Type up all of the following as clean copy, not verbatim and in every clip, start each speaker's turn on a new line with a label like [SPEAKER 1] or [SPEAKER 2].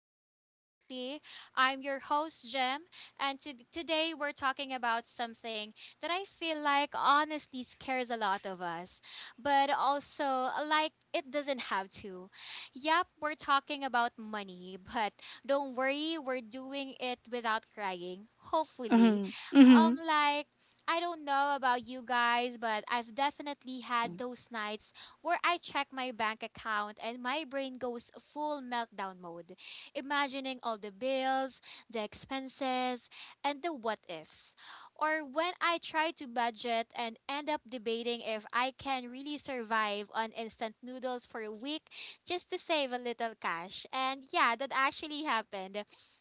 [SPEAKER 1] Gem Talks Lately. I'm your host, Gem, and today we're talking about something that I feel like honestly scares a lot of us, but also like it doesn't have to. Yep, we're talking about money, but don't worry, we're doing it without crying, hopefully.
[SPEAKER 2] Mhm.
[SPEAKER 1] Um,
[SPEAKER 2] Mhm.
[SPEAKER 1] like, I don't know about you guys, but I've definitely had
[SPEAKER 2] Mm.
[SPEAKER 1] those nights where I check my bank account and my brain goes full meltdown mode, imagining all the bills, the expenses, and the what ifs. Or when I try to budget and end up debating if I can really survive on instant noodles for a week just to save a little cash. And yeah, that actually happened.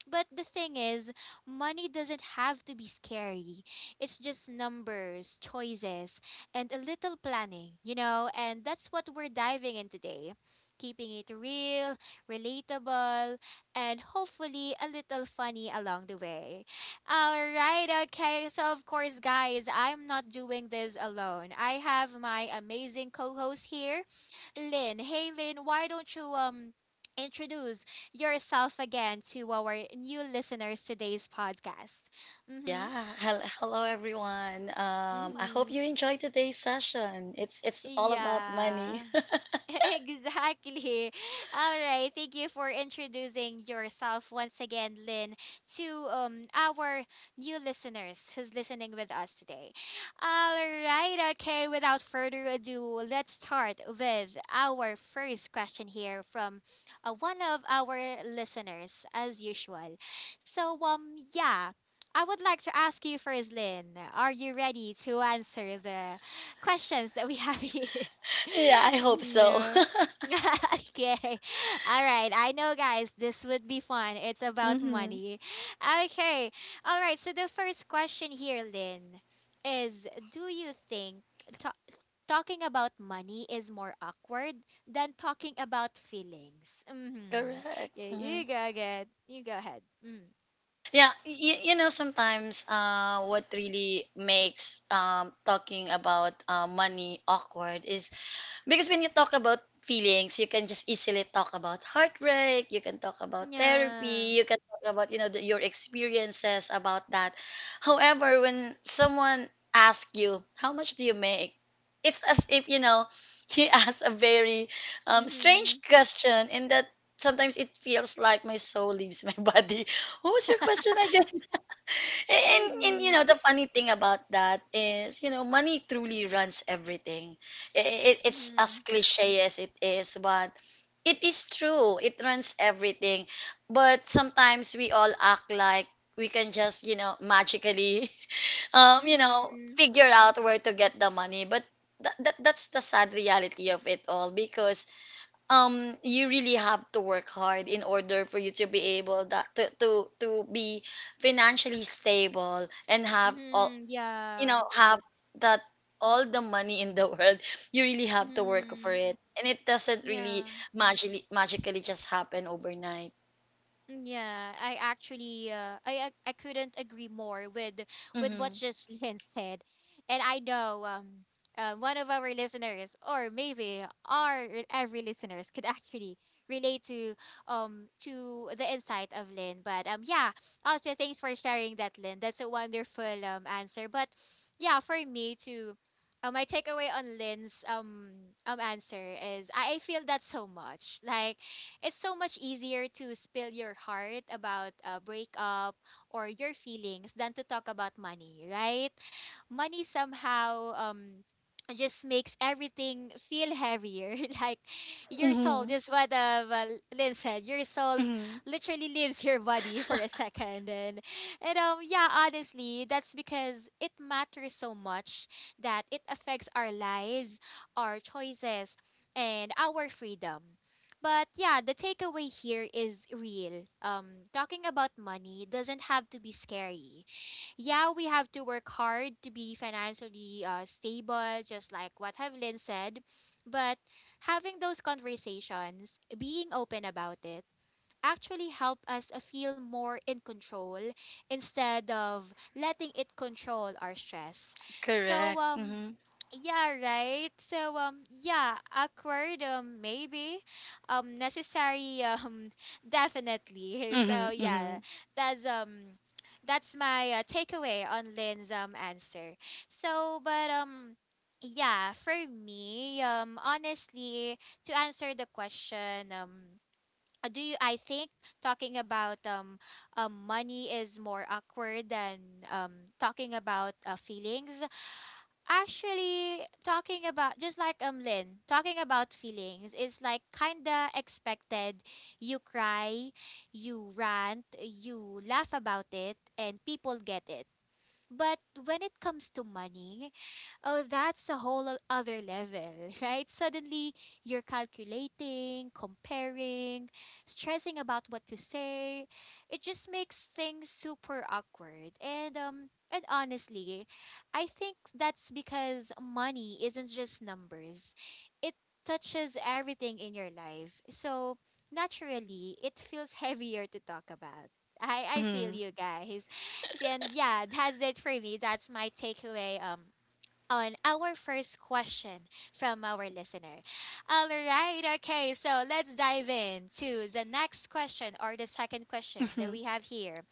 [SPEAKER 1] But the thing is, money doesn't have to be scary. It's just numbers, choices, and a little planning, and that's what we're diving in today. Keeping it real, relatable, and hopefully a little funny along the way. All right, okay. So, of course, guys, I'm not doing this alone. I have my amazing co host here, Lynn. Hey, Lynn, why don't you, introduce yourself again to our new listeners today's podcast. Mm-hmm,
[SPEAKER 2] Yeah. Hello, everyone. I hope
[SPEAKER 1] mm-hmm,
[SPEAKER 2] you enjoyed today's session. It's all about
[SPEAKER 1] yeah.
[SPEAKER 2] money.
[SPEAKER 1] Exactly. All right. Thank you for introducing yourself once again, Lynn, to our new listeners who's listening with us today. All right. Okay. Without further ado, let's start with our first question here from one of our listeners, as usual. So um yeah. I would like to ask you first, Lynn. Are you ready to answer the questions that we have here?
[SPEAKER 2] Yeah, I hope so.
[SPEAKER 1] No. Okay. All right. I know, guys, this would be fun. It's about
[SPEAKER 2] Mhm.
[SPEAKER 1] money. Okay. All right. So, the first question here, Lynn, is do you think ta- talking about money is more awkward than talking about feelings? Mm-hmm.
[SPEAKER 2] Correct.
[SPEAKER 1] Yeah,
[SPEAKER 2] Hmm.
[SPEAKER 1] you go ahead. You go ahead. Mm.
[SPEAKER 2] Yeah, you know sometimes what really makes talking about money awkward is because when you talk about feelings, you can just easily talk about heartbreak, you can talk about
[SPEAKER 1] Yeah.
[SPEAKER 2] therapy, you can talk about, you know, your experiences about that. However, when someone asks you, how much do you make? It's as if, you know, he asks a very
[SPEAKER 1] Mm-hmm.
[SPEAKER 2] strange question in that sometimes it feels like my soul leaves my body. What was your question again? And
[SPEAKER 1] Mm-hmm.
[SPEAKER 2] you know the funny thing about that is money truly runs everything. It's
[SPEAKER 1] Mm-hmm.
[SPEAKER 2] as cliche as it is, but it is true. It runs everything. But sometimes we all act like we can just magically
[SPEAKER 1] Mm-hmm.
[SPEAKER 2] figure out where to get the money, but that's the sad reality of it all, because you really have to work hard in order for you to be able that to be financially stable and have all
[SPEAKER 1] Mm-hmm.
[SPEAKER 2] you
[SPEAKER 1] Yeah.
[SPEAKER 2] know have that all the money in the world. You really have to work for
[SPEAKER 1] Mm-hmm.
[SPEAKER 2] it, and it doesn't really
[SPEAKER 1] Yeah,
[SPEAKER 2] magically just happen overnight.
[SPEAKER 1] mm, yeah. I actually, I couldn't agree more with what
[SPEAKER 2] Mm-hmm.
[SPEAKER 1] Jocelyn said, and I know one of our listeners, or maybe our e, every listeners, could actually relate to the insight of Lynn. But yeah. Also, thanks for sharing that, Lynn. That's a wonderful answer. But yeah, for me too. My takeaway on Lynn's answer is I feel that so much. Like it's so much easier to spill your heart about a breakup or your feelings than to talk about money, right? Money somehow just makes everything feel heavier. Like your soul,
[SPEAKER 2] Mm-hmm.
[SPEAKER 1] just what Lynn said, your soul
[SPEAKER 2] Mm-hmm.
[SPEAKER 1] literally leaves your body for a second. And yeah, honestly, that's because it matters so much that it affects our lives, our choices, and our freedom. But yeah, the takeaway here is real. Talking about money doesn't have to be scary. Yeah, we have to work hard to be financially stable, just like what Evelyn said. But having those conversations, being open about it, actually help us feel more in control instead of letting it control our stress. So
[SPEAKER 2] Correct.
[SPEAKER 1] um
[SPEAKER 2] Mm-hmm.
[SPEAKER 1] yeah, right. So yeah, awkward maybe. Necessary definitely. So yeah,
[SPEAKER 2] Mm-hmm.
[SPEAKER 1] that's um that's my takeaway on Lynn's answer. But yeah, for me honestly to answer the question do you I think talking about money is more awkward than um talking about feelings. Actually, talking about, just like Lynn, talking about feelings is like kinda expected. You cry, you rant, you laugh about it and people get it. But when it comes to money, oh, that's a whole other level, right? Suddenly, you're calculating, comparing, stressing about what to say. It just makes things super awkward. And and honestly, I think that's because money isn't just numbers. It touches everything in your life. So, naturally, it feels heavier to talk about. I feel
[SPEAKER 2] Mm-hmm.
[SPEAKER 1] you guys. And yeah, that's it for me. That's my takeaway on our first question from our listener. All right, okay, so let's dive in to the next question or the second question that
[SPEAKER 2] Mm-hmm.
[SPEAKER 1] we have here.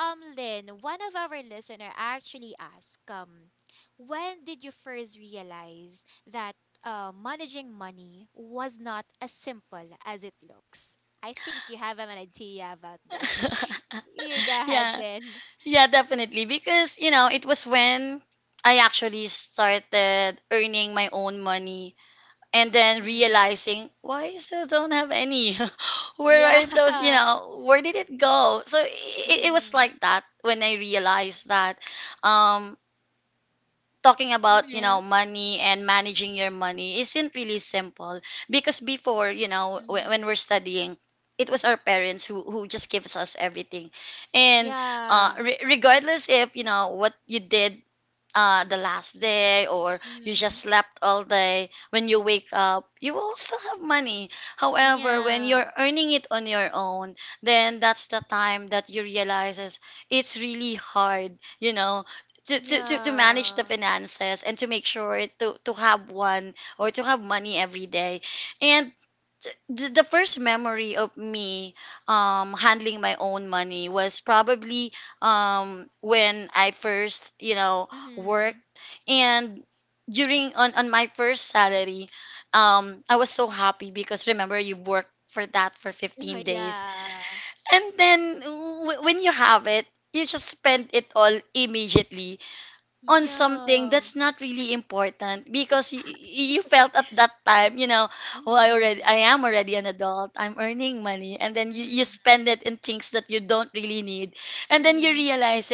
[SPEAKER 1] Lynn, one of our listener actually asked, when did you first realize that managing money was not as simple as it looks? I think you have an idea about this. You go ahead,
[SPEAKER 2] Yeah,
[SPEAKER 1] Lynn.
[SPEAKER 2] yeah, definitely. Because, you know, it was when I actually started earning my own money and then
[SPEAKER 1] Mm-hmm.
[SPEAKER 2] realizing why I still don't have any. where are those, you
[SPEAKER 1] Yeah.
[SPEAKER 2] know, where did it go? So it was like that when I realized that um talking about
[SPEAKER 1] Mm-hmm.
[SPEAKER 2] money and managing your money isn't really simple, because before when
[SPEAKER 1] Mhm.
[SPEAKER 2] we're studying, it was our parents who just gives us everything, and
[SPEAKER 1] Yeah.
[SPEAKER 2] regardless if what you did the last day, or you just
[SPEAKER 1] Mhm.
[SPEAKER 2] slept all day, when you wake up you will still have money. However, when you're
[SPEAKER 1] Yeah.
[SPEAKER 2] earning it on your own, then that's the time that you realizes it's really hard, to manage the
[SPEAKER 1] Yeah.
[SPEAKER 2] finances and to make sure to have one or to have money every day. And the first memory of me handling my own money was probably when I first, work,
[SPEAKER 1] Mhm.
[SPEAKER 2] and during on my first salary, I was so happy because remember you worked for that for 15 days,
[SPEAKER 1] Yeah.
[SPEAKER 2] and then when you have it, you just spend it all immediately on something
[SPEAKER 1] Yeah.
[SPEAKER 2] that's not really important, because you felt at that time, oh,
[SPEAKER 1] Mhm.
[SPEAKER 2] I am already an adult, I'm earning money, and then you
[SPEAKER 1] Mhm.
[SPEAKER 2] spend it in things that you don't really need. And then you
[SPEAKER 1] Mm.
[SPEAKER 2] realize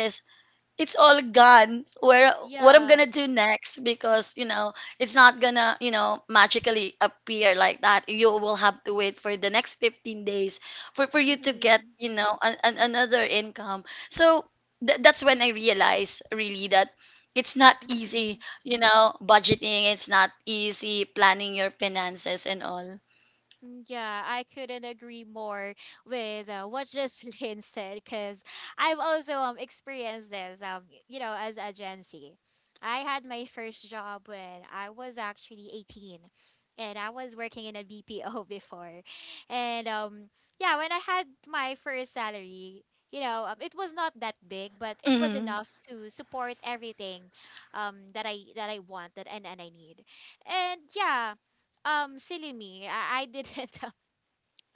[SPEAKER 2] it's all gone. Where what I'm
[SPEAKER 1] Yeah.
[SPEAKER 2] gonna do next? Because it's not gonna magically appear like that. You will have to wait for the next 15 days for you to get,
[SPEAKER 1] Mhm.
[SPEAKER 2] another income. So that's when I realized really that it's not easy,
[SPEAKER 1] Mhm.
[SPEAKER 2] budgeting, it's not easy planning your finances and all.
[SPEAKER 1] Mm, yeah, I couldn't agree more with what just Lynn said because I've also experienced this you know as a Gen Z. I had my first job when I was actually 18 and I was working in a BPO before. And yeah, when I had my first salary, you know, it was not that big, but it was
[SPEAKER 2] Hmm.
[SPEAKER 1] enough to support everything that I want that and I need. And yeah, silly me. I didn't.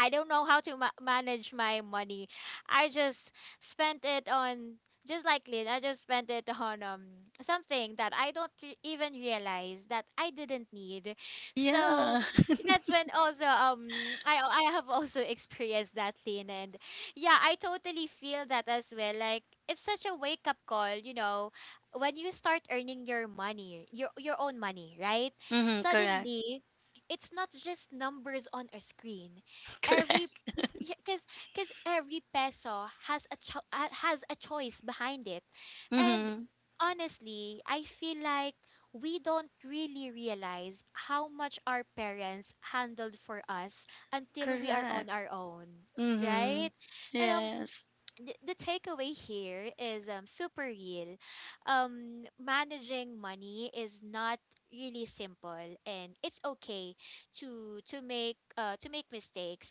[SPEAKER 1] I don't know how to manage my money. I just spent it on, just like Lynn. I just spent it on something that I don't even realize that I didn't need. So
[SPEAKER 2] Yeah.
[SPEAKER 1] that's when also I have also experienced that, Lynn. And yeah, I totally feel that as well. Like it's such a wake up call, you know, when you start earning your money, your own money, right?
[SPEAKER 2] Hmm. Correct.
[SPEAKER 1] Suddenly, it's not just numbers on a screen,
[SPEAKER 2] Correct.
[SPEAKER 1] every because because every peso has a has a choice behind it. And
[SPEAKER 2] Hmm.
[SPEAKER 1] honestly, I feel like we don't really realize how much our parents handled for us until we are
[SPEAKER 2] Correct.
[SPEAKER 1] on our own,
[SPEAKER 2] Hmm.
[SPEAKER 1] right? Hello.
[SPEAKER 2] Yes.
[SPEAKER 1] The takeaway here is super real. Managing money is not really simple, and it's okay to to make mistakes.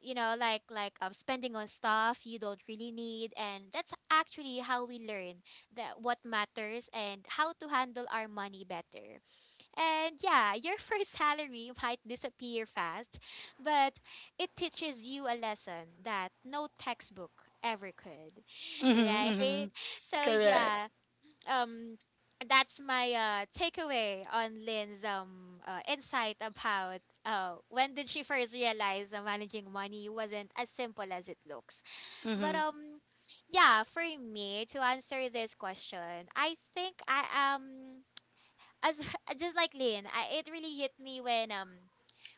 [SPEAKER 1] You know, like spending on stuff you don't really need, and that's actually how we learn that what matters and how to handle our money better. And yeah, your first salary might disappear fast, but it teaches you a lesson that no textbook ever could,
[SPEAKER 2] Mm-hmm, mm-hmm.
[SPEAKER 1] right? So
[SPEAKER 2] Correct.
[SPEAKER 1] yeah, um, that's my takeaway on Lynn's insight about when did she first realize that managing money wasn't as simple as it looks. But
[SPEAKER 2] Mm-hmm.
[SPEAKER 1] yeah, for me to answer this question, I think I am, as just like Lynn, I, it really hit me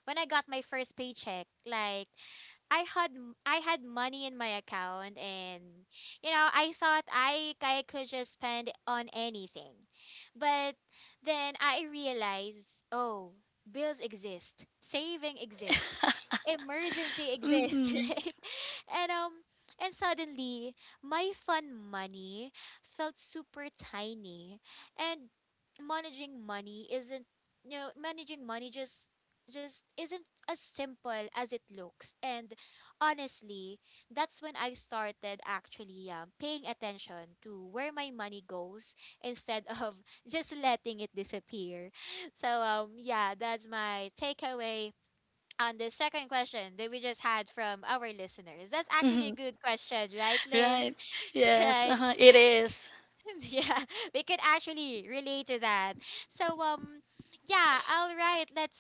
[SPEAKER 1] when I got my first paycheck. Like I had I had money in my account and you know I thought I could just spend on anything. But then I realized, oh, bills exist, saving exists, emergency exists,
[SPEAKER 2] Mm-hmm.
[SPEAKER 1] right? And um and suddenly my fun money felt super tiny and managing money isn't, you know, managing money just isn't as simple as it looks. And honestly, that's when I started actually paying attention to where my money goes instead of just letting it disappear. So yeah, that's my takeaway on the second question that we just had from our listeners. That's actually
[SPEAKER 2] Mm-hmm.
[SPEAKER 1] a good question, right, Lynn?
[SPEAKER 2] Right. Yes,
[SPEAKER 1] Right?
[SPEAKER 2] uh-huh. It is.
[SPEAKER 1] Yeah, we could actually relate to that. So, yeah, all right, let's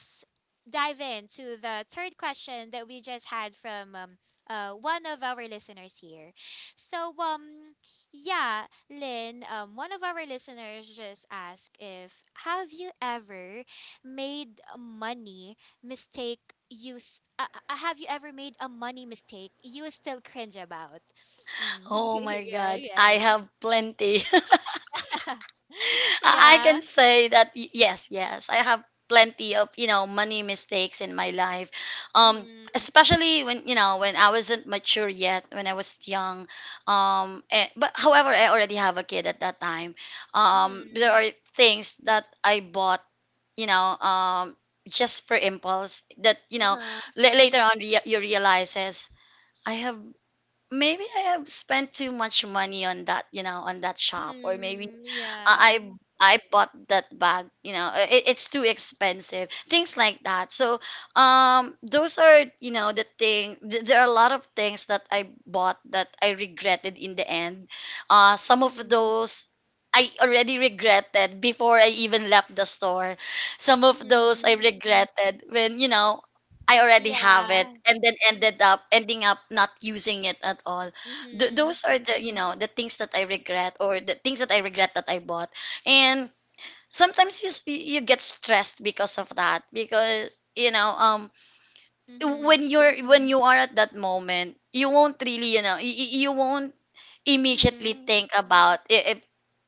[SPEAKER 1] dive into the third question that we just had from one of our listeners here. So, yeah, Lynn, one of our listeners just asked if have you ever made a money mistake use have you ever made a money mistake you still cringe about? Mm,
[SPEAKER 2] Oh my
[SPEAKER 1] yeah,
[SPEAKER 2] God.
[SPEAKER 1] yeah.
[SPEAKER 2] I have plenty. I
[SPEAKER 1] Yeah.
[SPEAKER 2] can say that yes, yes, I have plenty of, money mistakes in my life. Um
[SPEAKER 1] Mhm.
[SPEAKER 2] especially when you know when I wasn't mature yet, when I was young, but however I already have a kid at that time. There
[SPEAKER 1] Mhm.
[SPEAKER 2] are things that I bought, you know um just for impulse, that
[SPEAKER 1] Uh-huh.
[SPEAKER 2] later on, you realize is, I have maybe I have spent too much money on that, on that shop, or maybe
[SPEAKER 1] Mhm.
[SPEAKER 2] I
[SPEAKER 1] Yeah.
[SPEAKER 2] I bought that bag. You know, it's too expensive. Things like that. So, those are, the thing. There are a lot of things that I bought that I regretted in the end. Some of
[SPEAKER 1] Mhm.
[SPEAKER 2] those I already regretted before I even left the store. Some of those I
[SPEAKER 1] Mhm.
[SPEAKER 2] regretted when, I already have it,
[SPEAKER 1] Yeah.
[SPEAKER 2] and then ended up ending up not using it at all.
[SPEAKER 1] Mhm.
[SPEAKER 2] Those are, the the things that I regret, or the things that I regret that I bought. And sometimes you get stressed because of that, because when
[SPEAKER 1] Mhm.
[SPEAKER 2] you're when you are at that moment, you won't really, you won't immediately
[SPEAKER 1] Mhm.
[SPEAKER 2] think about if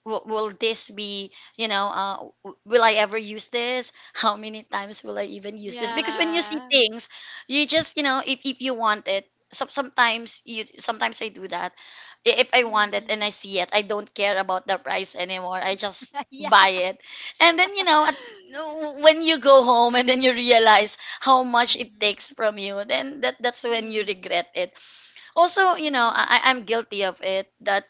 [SPEAKER 2] will this be, will I ever use this. How many times will I even use this? Because when you see
[SPEAKER 1] Yeah.
[SPEAKER 2] things, you just, if you want it, sometimes I do that. If I want it and I
[SPEAKER 1] Mhm.
[SPEAKER 2] see it, I don't care about the price anymore, I just
[SPEAKER 1] Yeah.
[SPEAKER 2] buy it. And then, when you go home, and then you realize how much it
[SPEAKER 1] Mhm.
[SPEAKER 2] takes from you, then that's when you
[SPEAKER 1] Mhm.
[SPEAKER 2] regret it. Also, you know,
[SPEAKER 1] Mhm.
[SPEAKER 2] I am guilty of it that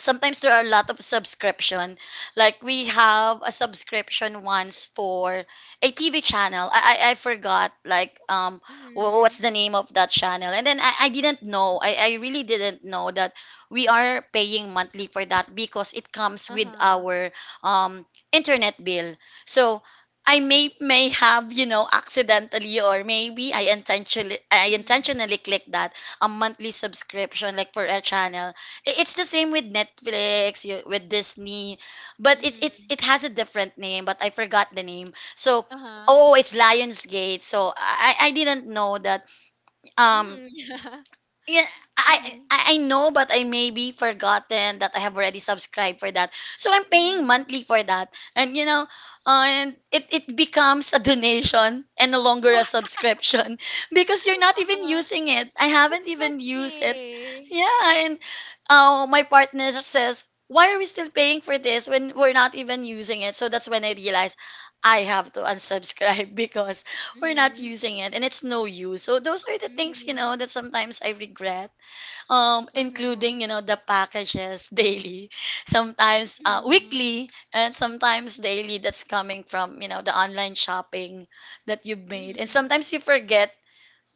[SPEAKER 2] sometimes there are a lot of subscription, like we have a subscription once for a TV channel. I forgot, like, what's
[SPEAKER 1] Mhm.
[SPEAKER 2] the name of that channel. And then I didn't know, I really didn't know that we are paying monthly for that because it comes with
[SPEAKER 1] Uh-huh.
[SPEAKER 2] our um internet bill. So I may have, accidentally, or maybe I
[SPEAKER 1] Mhm.
[SPEAKER 2] intentionally click that, a monthly subscription, like, for a channel. It's the same with Netflix, with Disney, but it's it's
[SPEAKER 1] Mhm.
[SPEAKER 2] it has a different name, but I forgot the name. So,
[SPEAKER 1] Uh-huh.
[SPEAKER 2] oh, it's Lionsgate. So I didn't know that. Um,
[SPEAKER 1] Mhm. Yeah.
[SPEAKER 2] yeah, I
[SPEAKER 1] Mhm.
[SPEAKER 2] I know, but I maybe forgotten that I have already subscribed for that. So I'm paying
[SPEAKER 1] Mhm.
[SPEAKER 2] monthly for that, and it becomes a donation and no longer a
[SPEAKER 1] Wow.
[SPEAKER 2] subscription because you're not even
[SPEAKER 1] Uh-huh.
[SPEAKER 2] using it. I haven't even used it.
[SPEAKER 1] Exactly.
[SPEAKER 2] Yeah, and my partner says, "Why are we still paying for this when we're not even using it?" So that's when I realized I have to unsubscribe because we're not
[SPEAKER 1] Mhm.
[SPEAKER 2] using it and it's no use. So those are the things,
[SPEAKER 1] Mhm.
[SPEAKER 2] that sometimes I regret.
[SPEAKER 1] Uh-huh.
[SPEAKER 2] Including, the packages daily, sometimes
[SPEAKER 1] Mhm.
[SPEAKER 2] weekly, and sometimes daily, that's coming from, the online shopping that you've made. And
[SPEAKER 1] Mhm.
[SPEAKER 2] sometimes you forget,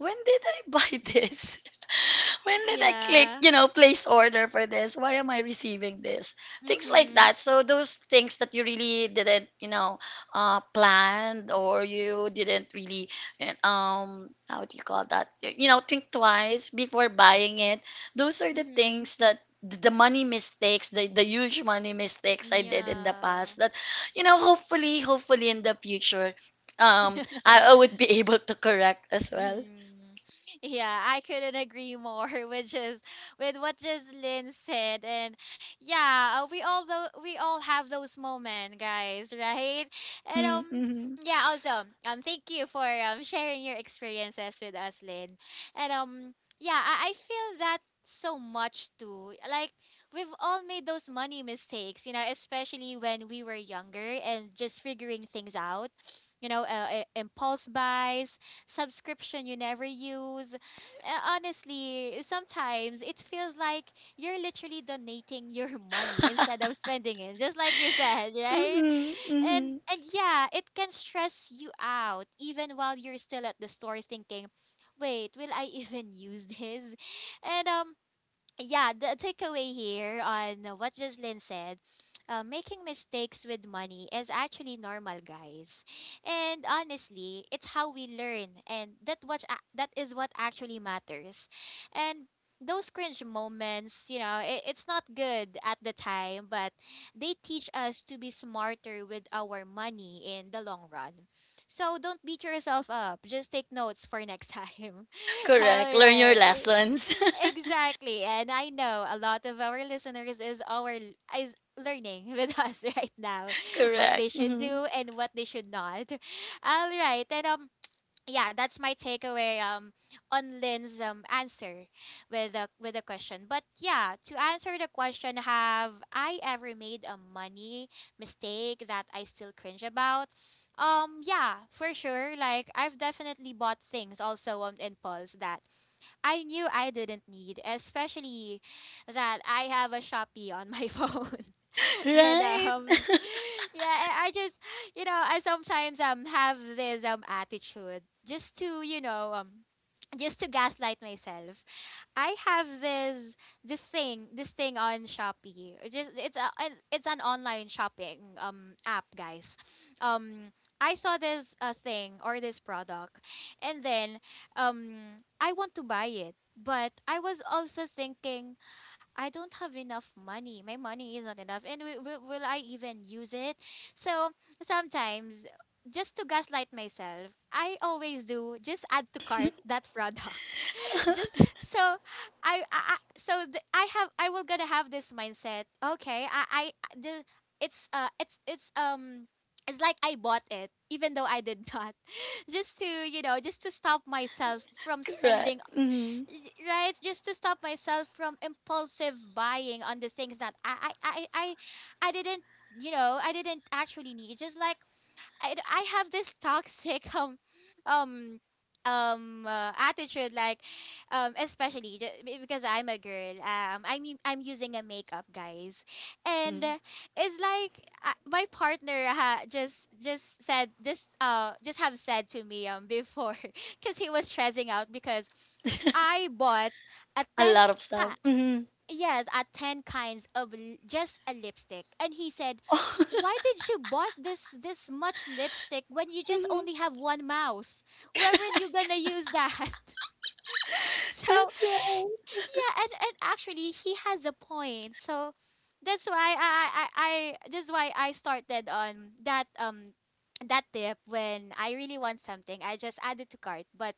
[SPEAKER 2] when did I buy this? When did I click,
[SPEAKER 1] Yeah.
[SPEAKER 2] place order for this? Why am I receiving this? Things like
[SPEAKER 1] Mhm.
[SPEAKER 2] that. So those things that you really didn't, planned, or you didn't really, how do you call that? You know, think twice before buying it. Those are the
[SPEAKER 1] Mhm.
[SPEAKER 2] things, that the money mistakes, the huge money mistakes I did in the
[SPEAKER 1] Yeah.
[SPEAKER 2] past, that hopefully in the future, I would be able to correct as well.
[SPEAKER 1] Hmm. Yeah, I couldn't agree more with just with what Lynn said, and yeah, we all have those moments, guys, right? And
[SPEAKER 2] Mm, mhm,
[SPEAKER 1] yeah, also thank you for sharing your experiences with us, Lynn, and yeah, I feel that so much too. Like we've all made those money mistakes, you know, especially when we were younger and just figuring things out, you know, impulse buys, subscription you never use. Honestly, sometimes it feels like you're literally donating your money instead of spending it, just like you said, right?
[SPEAKER 2] mhm,
[SPEAKER 1] And
[SPEAKER 2] mhm.
[SPEAKER 1] and yeah, it can stress you out even while you're still at the store thinking, "Wait, will I even use this?" And yeah, the takeaway here on what Jocelyn said, making mistakes with money is actually normal, guys. And honestly, it's how we learn, and that what ac- that is what actually matters. And those cringe moments, it's not good at the time, but they teach us to be smarter with our money in the long run. So don't beat yourself up. Just take notes for next time.
[SPEAKER 2] Correct.
[SPEAKER 1] All
[SPEAKER 2] Learn your
[SPEAKER 1] right.
[SPEAKER 2] lessons.
[SPEAKER 1] Exactly. And I know a lot of our listeners is our is learning with us right now what they
[SPEAKER 2] Correct.
[SPEAKER 1] should
[SPEAKER 2] Hmm.
[SPEAKER 1] do and what they should not. All right. And yeah, that's my takeaway on Lynn's answer with the question. But yeah, to answer the question, have I ever made a money mistake that I still cringe about? Yeah, for sure. Like I've definitely bought things also on impulse that I knew I didn't need, especially that I have a Shopee on my phone. and
[SPEAKER 2] Right?
[SPEAKER 1] um yeah, I just I sometimes have this attitude just to, just to gaslight myself. I have this thing, this thing on Shopee. It Just it's a it's it's an online shopping app, guys. Um I saw this thing or this product and then I want to buy it, but I was also thinking I don't have enough money. My money is not enough, and will I even use it? So sometimes, just to gaslight myself, I always do just add to cart that product. just so I will gonna have this mindset. Okay, I- the it's it's. It's like I bought it, even though I did not just to just to stop myself from
[SPEAKER 2] Correct.
[SPEAKER 1] spending
[SPEAKER 2] Hmm.
[SPEAKER 1] right, just to stop myself from impulsive buying on the things that I didn't I didn't actually need. Just like I have this toxic um attitude like especially because I'm a girl. I mean, I'm using a makeup, guys, and it's like my partner ha- just said just have said to me before because he was stressing out because I bought a
[SPEAKER 2] A
[SPEAKER 1] 10
[SPEAKER 2] lot of stuff.
[SPEAKER 1] ka.
[SPEAKER 2] Hmm.
[SPEAKER 1] Yes, at 10 kinds of l- just a lipstick. And he said,
[SPEAKER 2] Oh.
[SPEAKER 1] "Why did you bought this this much lipstick when you just
[SPEAKER 2] Hmm.
[SPEAKER 1] only have one mouth? Where were you gonna use that?" So,
[SPEAKER 2] That's right.
[SPEAKER 1] yeah, and actually he has a point. So, that's why that's why I started on that that tip. When I really want something, I just add it to cart, but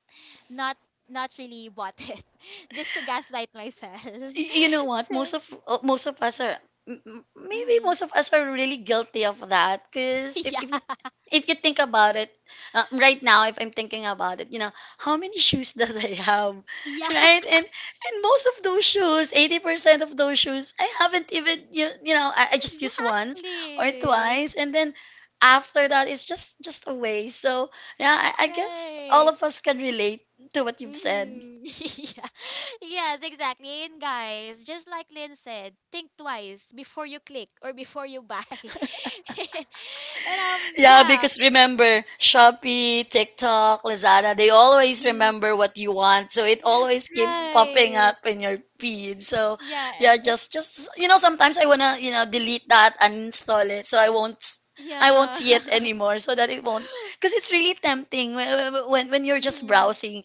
[SPEAKER 1] not not really bought it, just to gaslight myself.
[SPEAKER 2] You know what most
[SPEAKER 1] So,
[SPEAKER 2] of us are, maybe
[SPEAKER 1] mhm.
[SPEAKER 2] most of us are really guilty of that, because if you think about it, right now, if I'm thinking about it, how many shoes does I have.
[SPEAKER 1] Yeah, yeah,
[SPEAKER 2] Right. And most of those shoes, 80% of those shoes, I haven't even, you know I just use once or
[SPEAKER 1] exactly.
[SPEAKER 2] twice, and then after that it's just a waste. So yeah, I guess all
[SPEAKER 1] Right.
[SPEAKER 2] of us can relate to what you've said.
[SPEAKER 1] Mm-hmm. Yeah. Yes, exactly. And guys, just like Lynn said, think twice before you click or before you buy. And
[SPEAKER 2] Yeah,
[SPEAKER 1] yeah.
[SPEAKER 2] because remember, Shopee, TikTok, Lazada, they always
[SPEAKER 1] Mm.
[SPEAKER 2] remember what you want. So it always keeps popping up
[SPEAKER 1] Right.
[SPEAKER 2] in your feed. So
[SPEAKER 1] Yeah,
[SPEAKER 2] yeah,
[SPEAKER 1] it
[SPEAKER 2] just sometimes I wanna, delete that and install it so I won't
[SPEAKER 1] yeah.
[SPEAKER 2] see it anymore so that it won't, because it's really tempting when you're just
[SPEAKER 1] Mm-hmm.
[SPEAKER 2] browsing,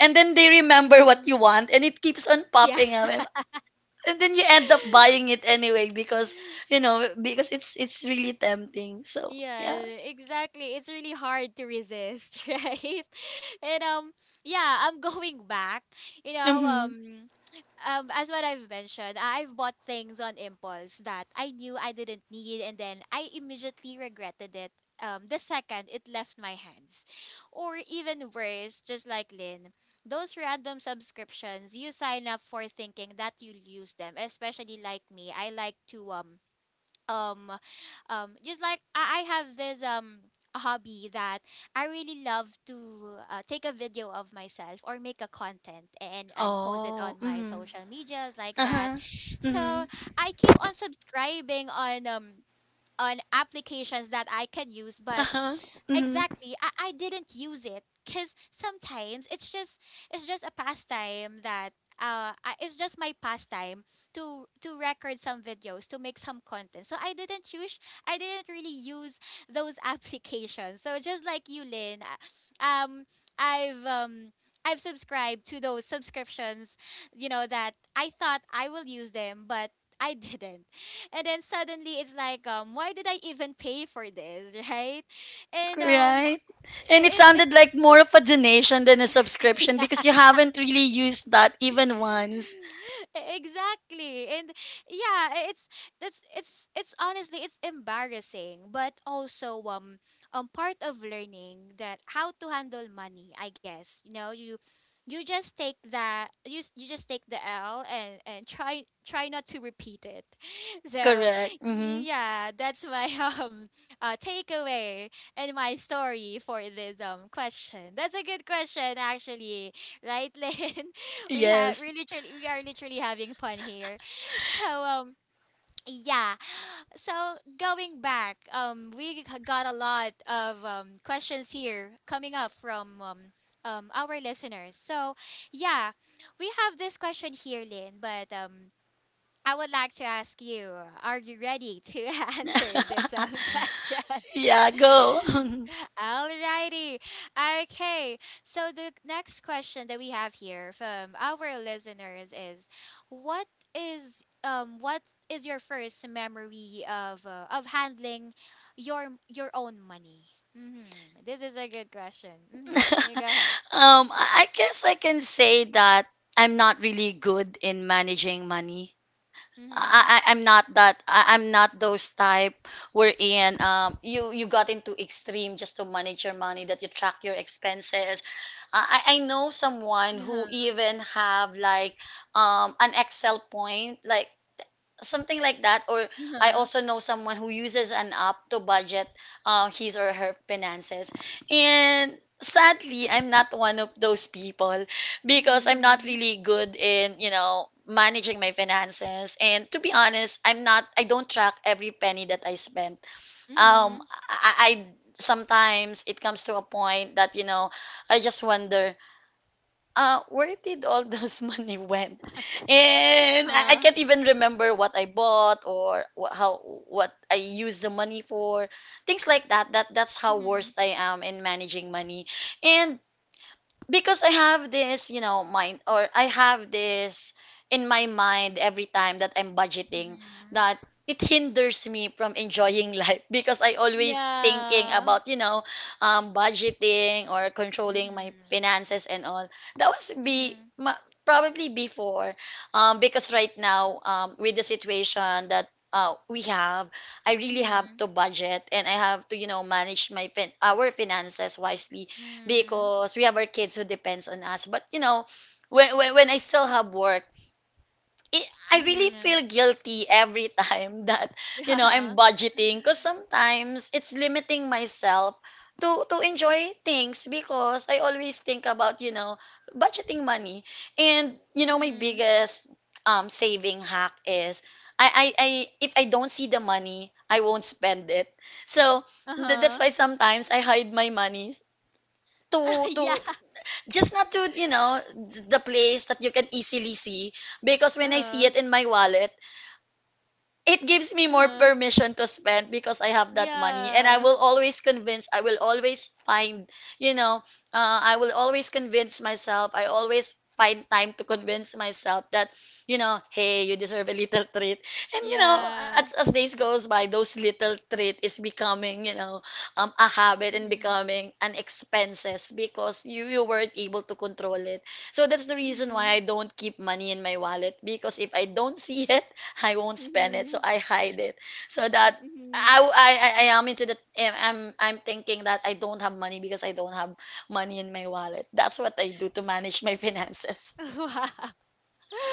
[SPEAKER 2] and then they remember what you
[SPEAKER 1] Mm-hmm.
[SPEAKER 2] want, and it keeps on
[SPEAKER 1] Yeah.
[SPEAKER 2] popping up, and then you end up buying it anyway, because you know because it's really tempting. So
[SPEAKER 1] Yeah,
[SPEAKER 2] yeah.
[SPEAKER 1] exactly. It's really hard to resist, right? And yeah, I'm going back. You know,
[SPEAKER 2] Mhm.
[SPEAKER 1] um as what I've mentioned, I've bought things on impulse that I knew I didn't need and then I immediately regretted it. The second it left my hands. Or even worse, just like Lynn, those random subscriptions you sign up for thinking that you'll use them, especially like me. I like to um just like I have this hobby that I really love to take a video of myself or make a content and post it
[SPEAKER 2] Oh,
[SPEAKER 1] on my
[SPEAKER 2] mhm.
[SPEAKER 1] social medias like that.
[SPEAKER 2] Uh-huh.
[SPEAKER 1] So
[SPEAKER 2] Mhm.
[SPEAKER 1] I keep on subscribing on applications that I can use but
[SPEAKER 2] Uh-huh. Mhm.
[SPEAKER 1] exactly. I didn't use it because sometimes it's just a pastime that it's just my pastime to record some videos to make some content. So I didn't use, I didn't really use those applications. So just like you, Lynn, I've um. I've subscribed to those subscriptions, you know, that I thought I will use them, but I didn't. And then suddenly it's like, why did I even pay for this, right? and
[SPEAKER 2] Right. And it
[SPEAKER 1] I- it's it
[SPEAKER 2] sounded like more of a donation than a subscription, because
[SPEAKER 1] yeah,
[SPEAKER 2] you haven't really used that even once.
[SPEAKER 1] exactly. and yeah I- it's that's It's honestly, it's embarrassing, but also part of learning that how to handle money, I guess. You know, you just take that you s- you just take the l and try not to repeat it. So
[SPEAKER 2] Correct. Mhm.
[SPEAKER 1] yeah, that's my um takeaway and my story for this question. That's a good question, actually, right? Lynn,
[SPEAKER 2] Yes.
[SPEAKER 1] we literally, we are literally having fun here. So yeah. So going back, got a lot of questions here coming up from our listeners. So yeah, we have this question here, Lynn, but I would like to ask you, are you ready to answer this question?
[SPEAKER 2] Yeah, go.
[SPEAKER 1] Alrighty. Okay. So the next question that we have here from our listeners is what is what is your first memory of handling your your own money? Mhm. This is a good question. Mhm. You go ahead.
[SPEAKER 2] I guess I can say that I'm not really good in managing money. I,
[SPEAKER 1] Mhm.
[SPEAKER 2] I I'm not that I'm not those type wherein you got into extreme just to manage your money that you track your expenses. I know someone
[SPEAKER 1] Yeah.
[SPEAKER 2] who even have like an Excel point like something like that or I
[SPEAKER 1] Yeah.
[SPEAKER 2] also know someone who uses an app to budget his or her finances, and sadly I'm not one of those people because I'm not
[SPEAKER 1] Mhm.
[SPEAKER 2] really good in, you know, managing my finances. And to be honest, I don't track every penny that I spend. um
[SPEAKER 1] Mhm.
[SPEAKER 2] I I- Sometimes it comes to a point that, you know, I just wonder, where did all those money went? And I can't even remember what I bought or wha- how what I used the money for, things like that. That's how
[SPEAKER 1] Mhm,
[SPEAKER 2] worst I am in managing money. And because I have this, you know, mind, or I have this in my mind every time that I'm budgeting,
[SPEAKER 1] mhm.
[SPEAKER 2] that it hinders me from enjoying life because I always thinking
[SPEAKER 1] Yeah.
[SPEAKER 2] about, you know, budgeting or controlling my
[SPEAKER 1] Mhm.
[SPEAKER 2] finances and all. That was be
[SPEAKER 1] Mhm.
[SPEAKER 2] ma- Probably before, because right now, with the situation that we have, I really have
[SPEAKER 1] Mhm.
[SPEAKER 2] to budget, and I have to, you know, manage my our finances wisely,
[SPEAKER 1] Mhm.
[SPEAKER 2] because we have our kids who depends on us. But you know, when I still have work, it, I really
[SPEAKER 1] Mhm.
[SPEAKER 2] feel guilty every time that, you know,
[SPEAKER 1] Yeah.
[SPEAKER 2] I'm budgeting, because sometimes it's limiting myself to enjoy things, because I always think about, you know, budgeting money. And you know, my
[SPEAKER 1] Mhm.
[SPEAKER 2] biggest saving hack is, I if I don't see the money, I won't spend it. So that's
[SPEAKER 1] Uh-huh.
[SPEAKER 2] why sometimes I hide my money, to
[SPEAKER 1] Yeah.
[SPEAKER 2] just not to, you know, the place that you can easily see, because when I see
[SPEAKER 1] Uh-huh.
[SPEAKER 2] it in my wallet, it gives me more
[SPEAKER 1] Uh-huh.
[SPEAKER 2] permission to spend because I have that money. And I
[SPEAKER 1] Yeah.
[SPEAKER 2] will always convince, I will always find, you know, I will always convince myself, I always find time to convince myself that, you know, hey, you deserve a little treat. And you know,
[SPEAKER 1] Yeah.
[SPEAKER 2] as days goes by, those little treat is becoming, you know, a habit and
[SPEAKER 1] Mhm.
[SPEAKER 2] becoming an expenses because you weren't able to control it. So that's the reason why
[SPEAKER 1] Mhm.
[SPEAKER 2] I don't keep money in my wallet, because if I don't see it, I won't spend it. So
[SPEAKER 1] Mhm.
[SPEAKER 2] I hide it. So that
[SPEAKER 1] Mhm.
[SPEAKER 2] I am into the I'm thinking that I don't have money because I don't have money in my wallet. That's what I do to manage my finances.
[SPEAKER 1] Wow.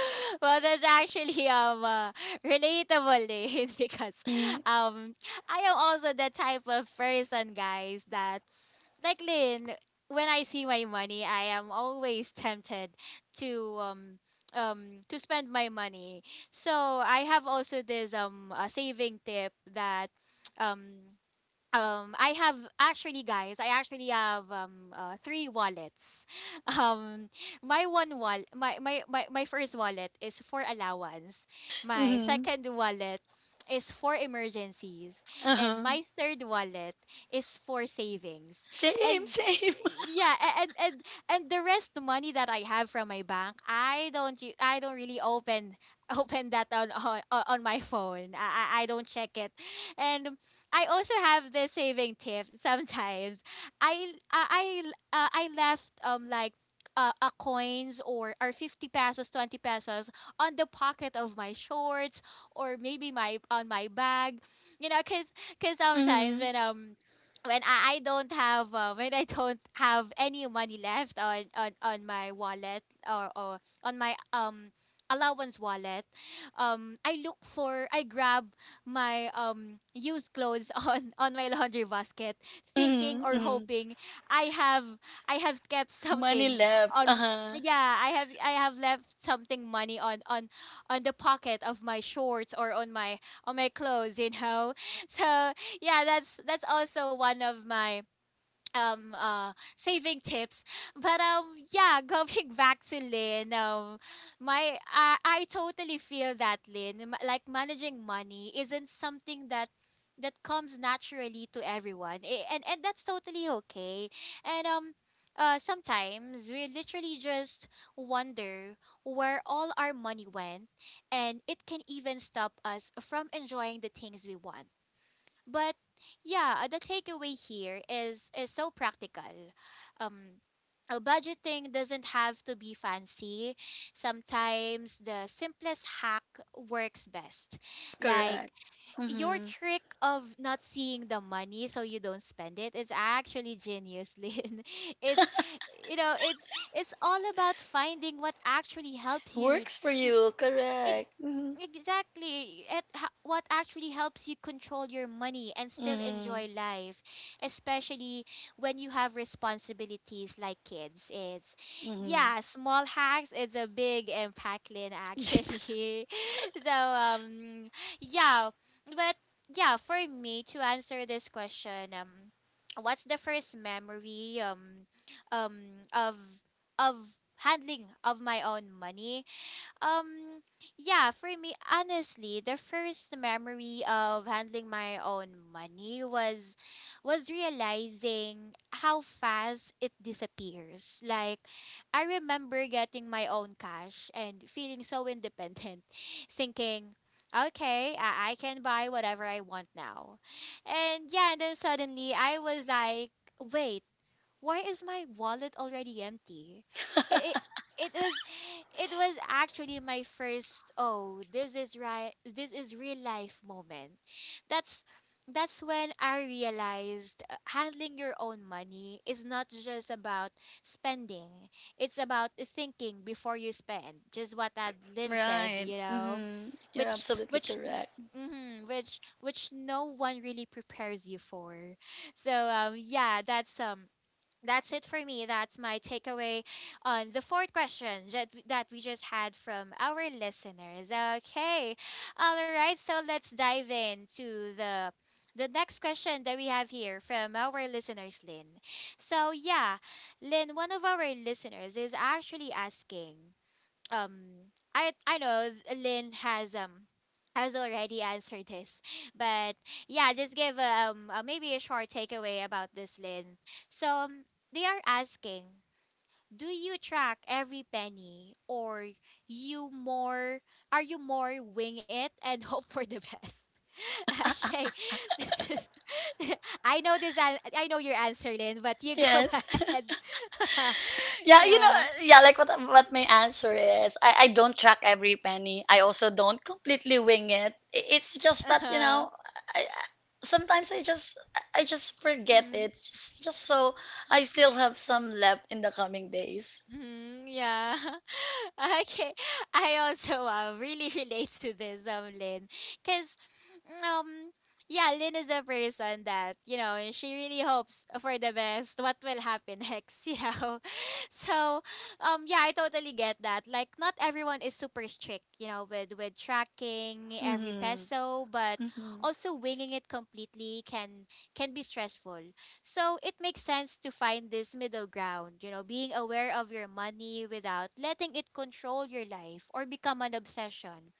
[SPEAKER 1] Well, that's actually relatable, days, because
[SPEAKER 2] Mm.
[SPEAKER 1] um I am also the type of person, guys, that like Lynn, when I see my money, I am always tempted to um to spend my money. So I have also this a saving tip that um I have actually, guys. I actually have three wallets. Um, my first wallet is for allowance. My
[SPEAKER 2] Mm-hmm.
[SPEAKER 1] second wallet is for emergencies, and
[SPEAKER 2] Uh-huh.
[SPEAKER 1] my third wallet is for savings.
[SPEAKER 2] Same,
[SPEAKER 1] And
[SPEAKER 2] same.
[SPEAKER 1] yeah, and the rest money that I have from my bank, I don't really open open that on on my phone. I don't check it, and I also have the saving tip sometimes. I left like a coins or 50 pesos, 20 pesos on the pocket of my shorts or maybe my on my bag. You know, cuz cuz sometimes when I don't have when I don't have any money left on on my wallet or on my allowance wallet. I look for, I grab my used clothes on my laundry basket, thinking
[SPEAKER 2] Mhm,
[SPEAKER 1] or
[SPEAKER 2] mhm.
[SPEAKER 1] hoping I have I have kept
[SPEAKER 2] Money
[SPEAKER 1] something
[SPEAKER 2] left.
[SPEAKER 1] on
[SPEAKER 2] Uh-huh.
[SPEAKER 1] I have left something money on on the pocket of my shorts or on my clothes, you know. So, yeah, that's also one of my saving tips. But yeah, going back to Lynn. My I totally feel that Lynn. Like, managing money isn't something that that comes naturally to everyone. And that's totally okay. and Sometimes we literally just wonder where all our money went, and it can even stop us from enjoying the things we want, but yeah, the takeaway here is so practical. Um, Budgeting doesn't have to be fancy. Sometimes the simplest hack works best. Like
[SPEAKER 2] Correct.
[SPEAKER 1] your
[SPEAKER 2] Mm-hmm.
[SPEAKER 1] trick of not seeing the money so you don't spend it is actually genius, Lynn. It's you know, it's it's all about finding what actually helps you
[SPEAKER 2] Works for
[SPEAKER 1] to
[SPEAKER 2] you.
[SPEAKER 1] it,
[SPEAKER 2] Correct. Mm-hmm.
[SPEAKER 1] exactly. What actually helps you control your money and still
[SPEAKER 2] Mm-hmm.
[SPEAKER 1] enjoy life, especially when you have responsibilities like kids. It's
[SPEAKER 2] Mm-hmm.
[SPEAKER 1] yeah, small hacks is a big impact, Lynn, actually. So yeah, but yeah, for me to answer this question, what's the first memory of of handling of my own money? Um, yeah, for me, honestly, the first memory of handling my own money was realizing how fast it disappears. Like, I remember getting my own cash and feeling so independent, thinking, okay, I can buy whatever I want now. And yeah, and then suddenly I was like, wait, why is my wallet already empty? It, it it was it was actually my first "oh, this is right, this is real life" moment. That's that's when I realized handling your own money is not just about spending. It's about thinking before you spend. Just what Adeline said,
[SPEAKER 2] Right.
[SPEAKER 1] you know,
[SPEAKER 2] Mm-hmm. You're absolutely
[SPEAKER 1] which
[SPEAKER 2] correct.
[SPEAKER 1] mm which no one really prepares you for. So yeah, that's it for me. That's my takeaway on the fourth question that we just had from our listeners. Okay, all right. So let's dive into the next question that we have here from our listeners, Lynn. So yeah, Lynn, one of our listeners is actually asking um I know Lynn has already answered this, but yeah, just give a, maybe a short takeaway about this, Lynn. So they are asking, do you track every penny, or you more are you more wing it and hope for the best? Okay, this is. I know this. I know your answer, Lynn, but you go
[SPEAKER 2] Yes.
[SPEAKER 1] ahead.
[SPEAKER 2] Yeah, you know,
[SPEAKER 1] Yeah.
[SPEAKER 2] yeah, like what my answer is. I don't track every penny. I also don't completely wing it. It's just that, you
[SPEAKER 1] Uh-huh.
[SPEAKER 2] know, I, I- sometimes I just forget
[SPEAKER 1] Mm-hmm.
[SPEAKER 2] it. Just so I still have some left in the coming days.
[SPEAKER 1] Mm-hmm, yeah. Okay. I also really relate to this, Lynn. Because, um, yeah, Lynn is a person that, you know, she really hopes for the best, what will happen next, you know. So, yeah, I totally get that. Like, not everyone is super strict, you know, with tracking every
[SPEAKER 2] Mm-hmm.
[SPEAKER 1] peso, but
[SPEAKER 2] Mm-hmm.
[SPEAKER 1] also winging it completely can be stressful. So it makes sense to find this middle ground, you know, being aware of your money without letting it control your life or become an obsession.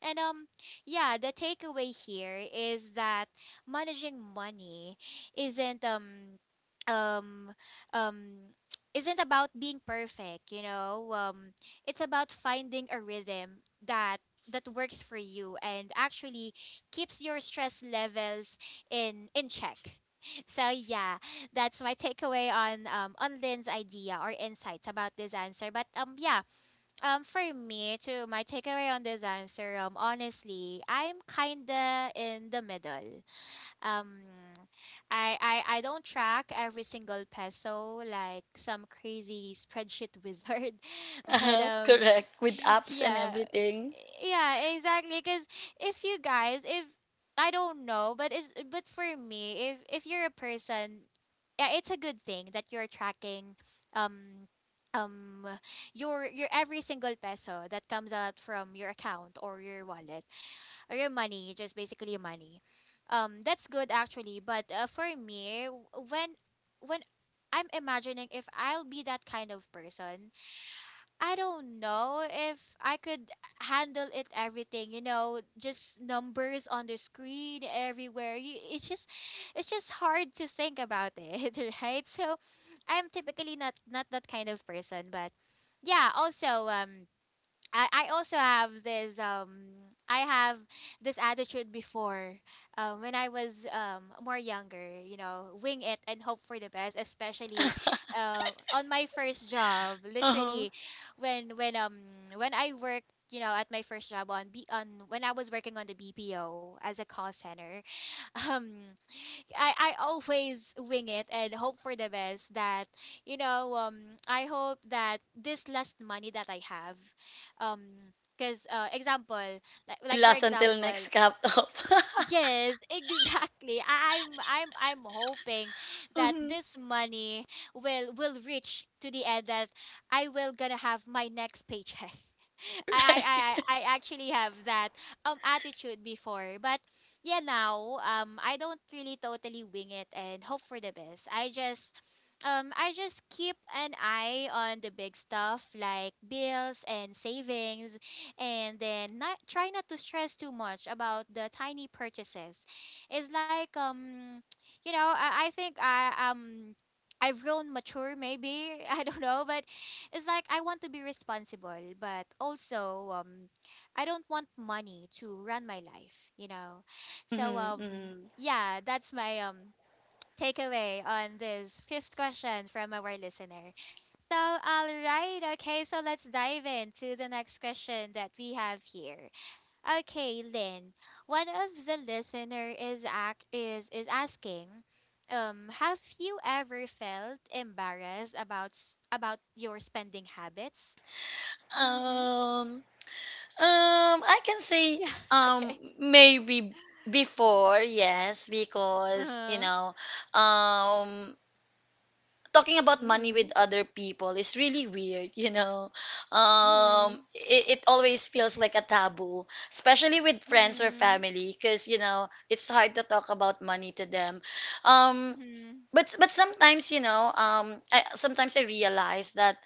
[SPEAKER 1] And yeah, the takeaway here is that managing money isn't um um um isn't about being perfect, you know. It's about finding a rhythm that that works for you and actually keeps your stress levels in check. So yeah, that's my takeaway on Lynn's idea or insights about this answer. But yeah, for me, to my takeaway on this answer, honestly, I'm kinda in the middle um I don't track every single peso like some crazy spreadsheet wizard, but
[SPEAKER 2] Uh-huh, correct. With apps and
[SPEAKER 1] yeah,
[SPEAKER 2] everything.
[SPEAKER 1] yeah, exactly, because if you guys if I don't know, but is but for me if you're a person, yeah, it's a good thing that you're tracking um um your every single peso that comes out from your account or your wallet or your money, just basically your money. That's good actually. But for me, when I'm imagining if I'll be that kind of person, I don't know if I could handle it everything. You know, just numbers on the screen everywhere. You, it's just hard to think about it, right? So, I'm typically not that kind of person. But yeah, also I also have this I have this attitude before when I was more younger, you know, wing it and hope for the best, especially on my first job.
[SPEAKER 2] Uh-huh.
[SPEAKER 1] Literally, when when um when I worked, you know, at my first job on B on when I was working on the BPO as a call center, um I always wing it and hope for the best that you know I hope that this last money that I have because example
[SPEAKER 2] It
[SPEAKER 1] like for
[SPEAKER 2] lasts until
[SPEAKER 1] example
[SPEAKER 2] next cap.
[SPEAKER 1] Yes, exactly. I'm hoping that
[SPEAKER 2] Mm-hmm.
[SPEAKER 1] this money will reach to the end that I will gonna have my next paycheck. I actually have that attitude before, but yeah now I don't really totally wing it and hope for the best. I just keep an eye on the big stuff like bills and savings and then not try not to stress too much about the tiny purchases. It's like you know, I think I I've grown mature maybe, I don't know, but it's like I want to be responsible, but also I don't want money to run my life, you know. So
[SPEAKER 2] Mm-hmm, mm-hmm.
[SPEAKER 1] yeah, that's my takeaway on this fifth question from our listener. So, all right. Okay, so let's dive into the next question that we have here. Okay, Lynn, one of the listener is act is asking, have you ever felt embarrassed about about your spending habits? Mhm.
[SPEAKER 2] Um, I can say
[SPEAKER 1] Yeah. Okay.
[SPEAKER 2] maybe before, yes, because you
[SPEAKER 1] Uh. Huh.
[SPEAKER 2] know, um, talking about money with
[SPEAKER 1] Mhm.
[SPEAKER 2] other people is really weird, you know.
[SPEAKER 1] Mhm.
[SPEAKER 2] It always feels like a taboo, especially with friends or
[SPEAKER 1] Mhm.
[SPEAKER 2] family, because you know, it's hard to talk about money to them. um
[SPEAKER 1] Mhm.
[SPEAKER 2] but sometimes, you know, I, sometimes I realize that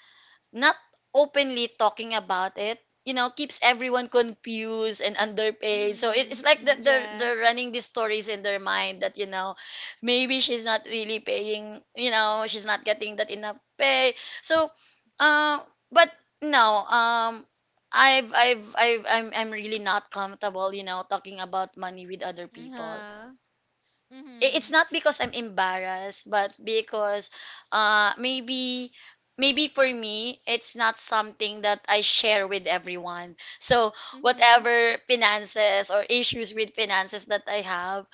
[SPEAKER 2] not openly talking about it, you know, keeps everyone confused and underpaid. So it's like
[SPEAKER 1] Mhm.
[SPEAKER 2] that
[SPEAKER 1] Yeah.
[SPEAKER 2] they're running these stories in their mind that, you know, maybe she's not really paying, you know, she's not getting that enough pay. So uh, but no, I'm really not comfortable, you know, talking about money with other people.
[SPEAKER 1] Uh-huh.
[SPEAKER 2] It's
[SPEAKER 1] Mhm.
[SPEAKER 2] not because I'm embarrassed, but because uh maybe maybe for me it's not something that I share with everyone. So
[SPEAKER 1] Mhm.
[SPEAKER 2] whatever finances or issues with finances that I have,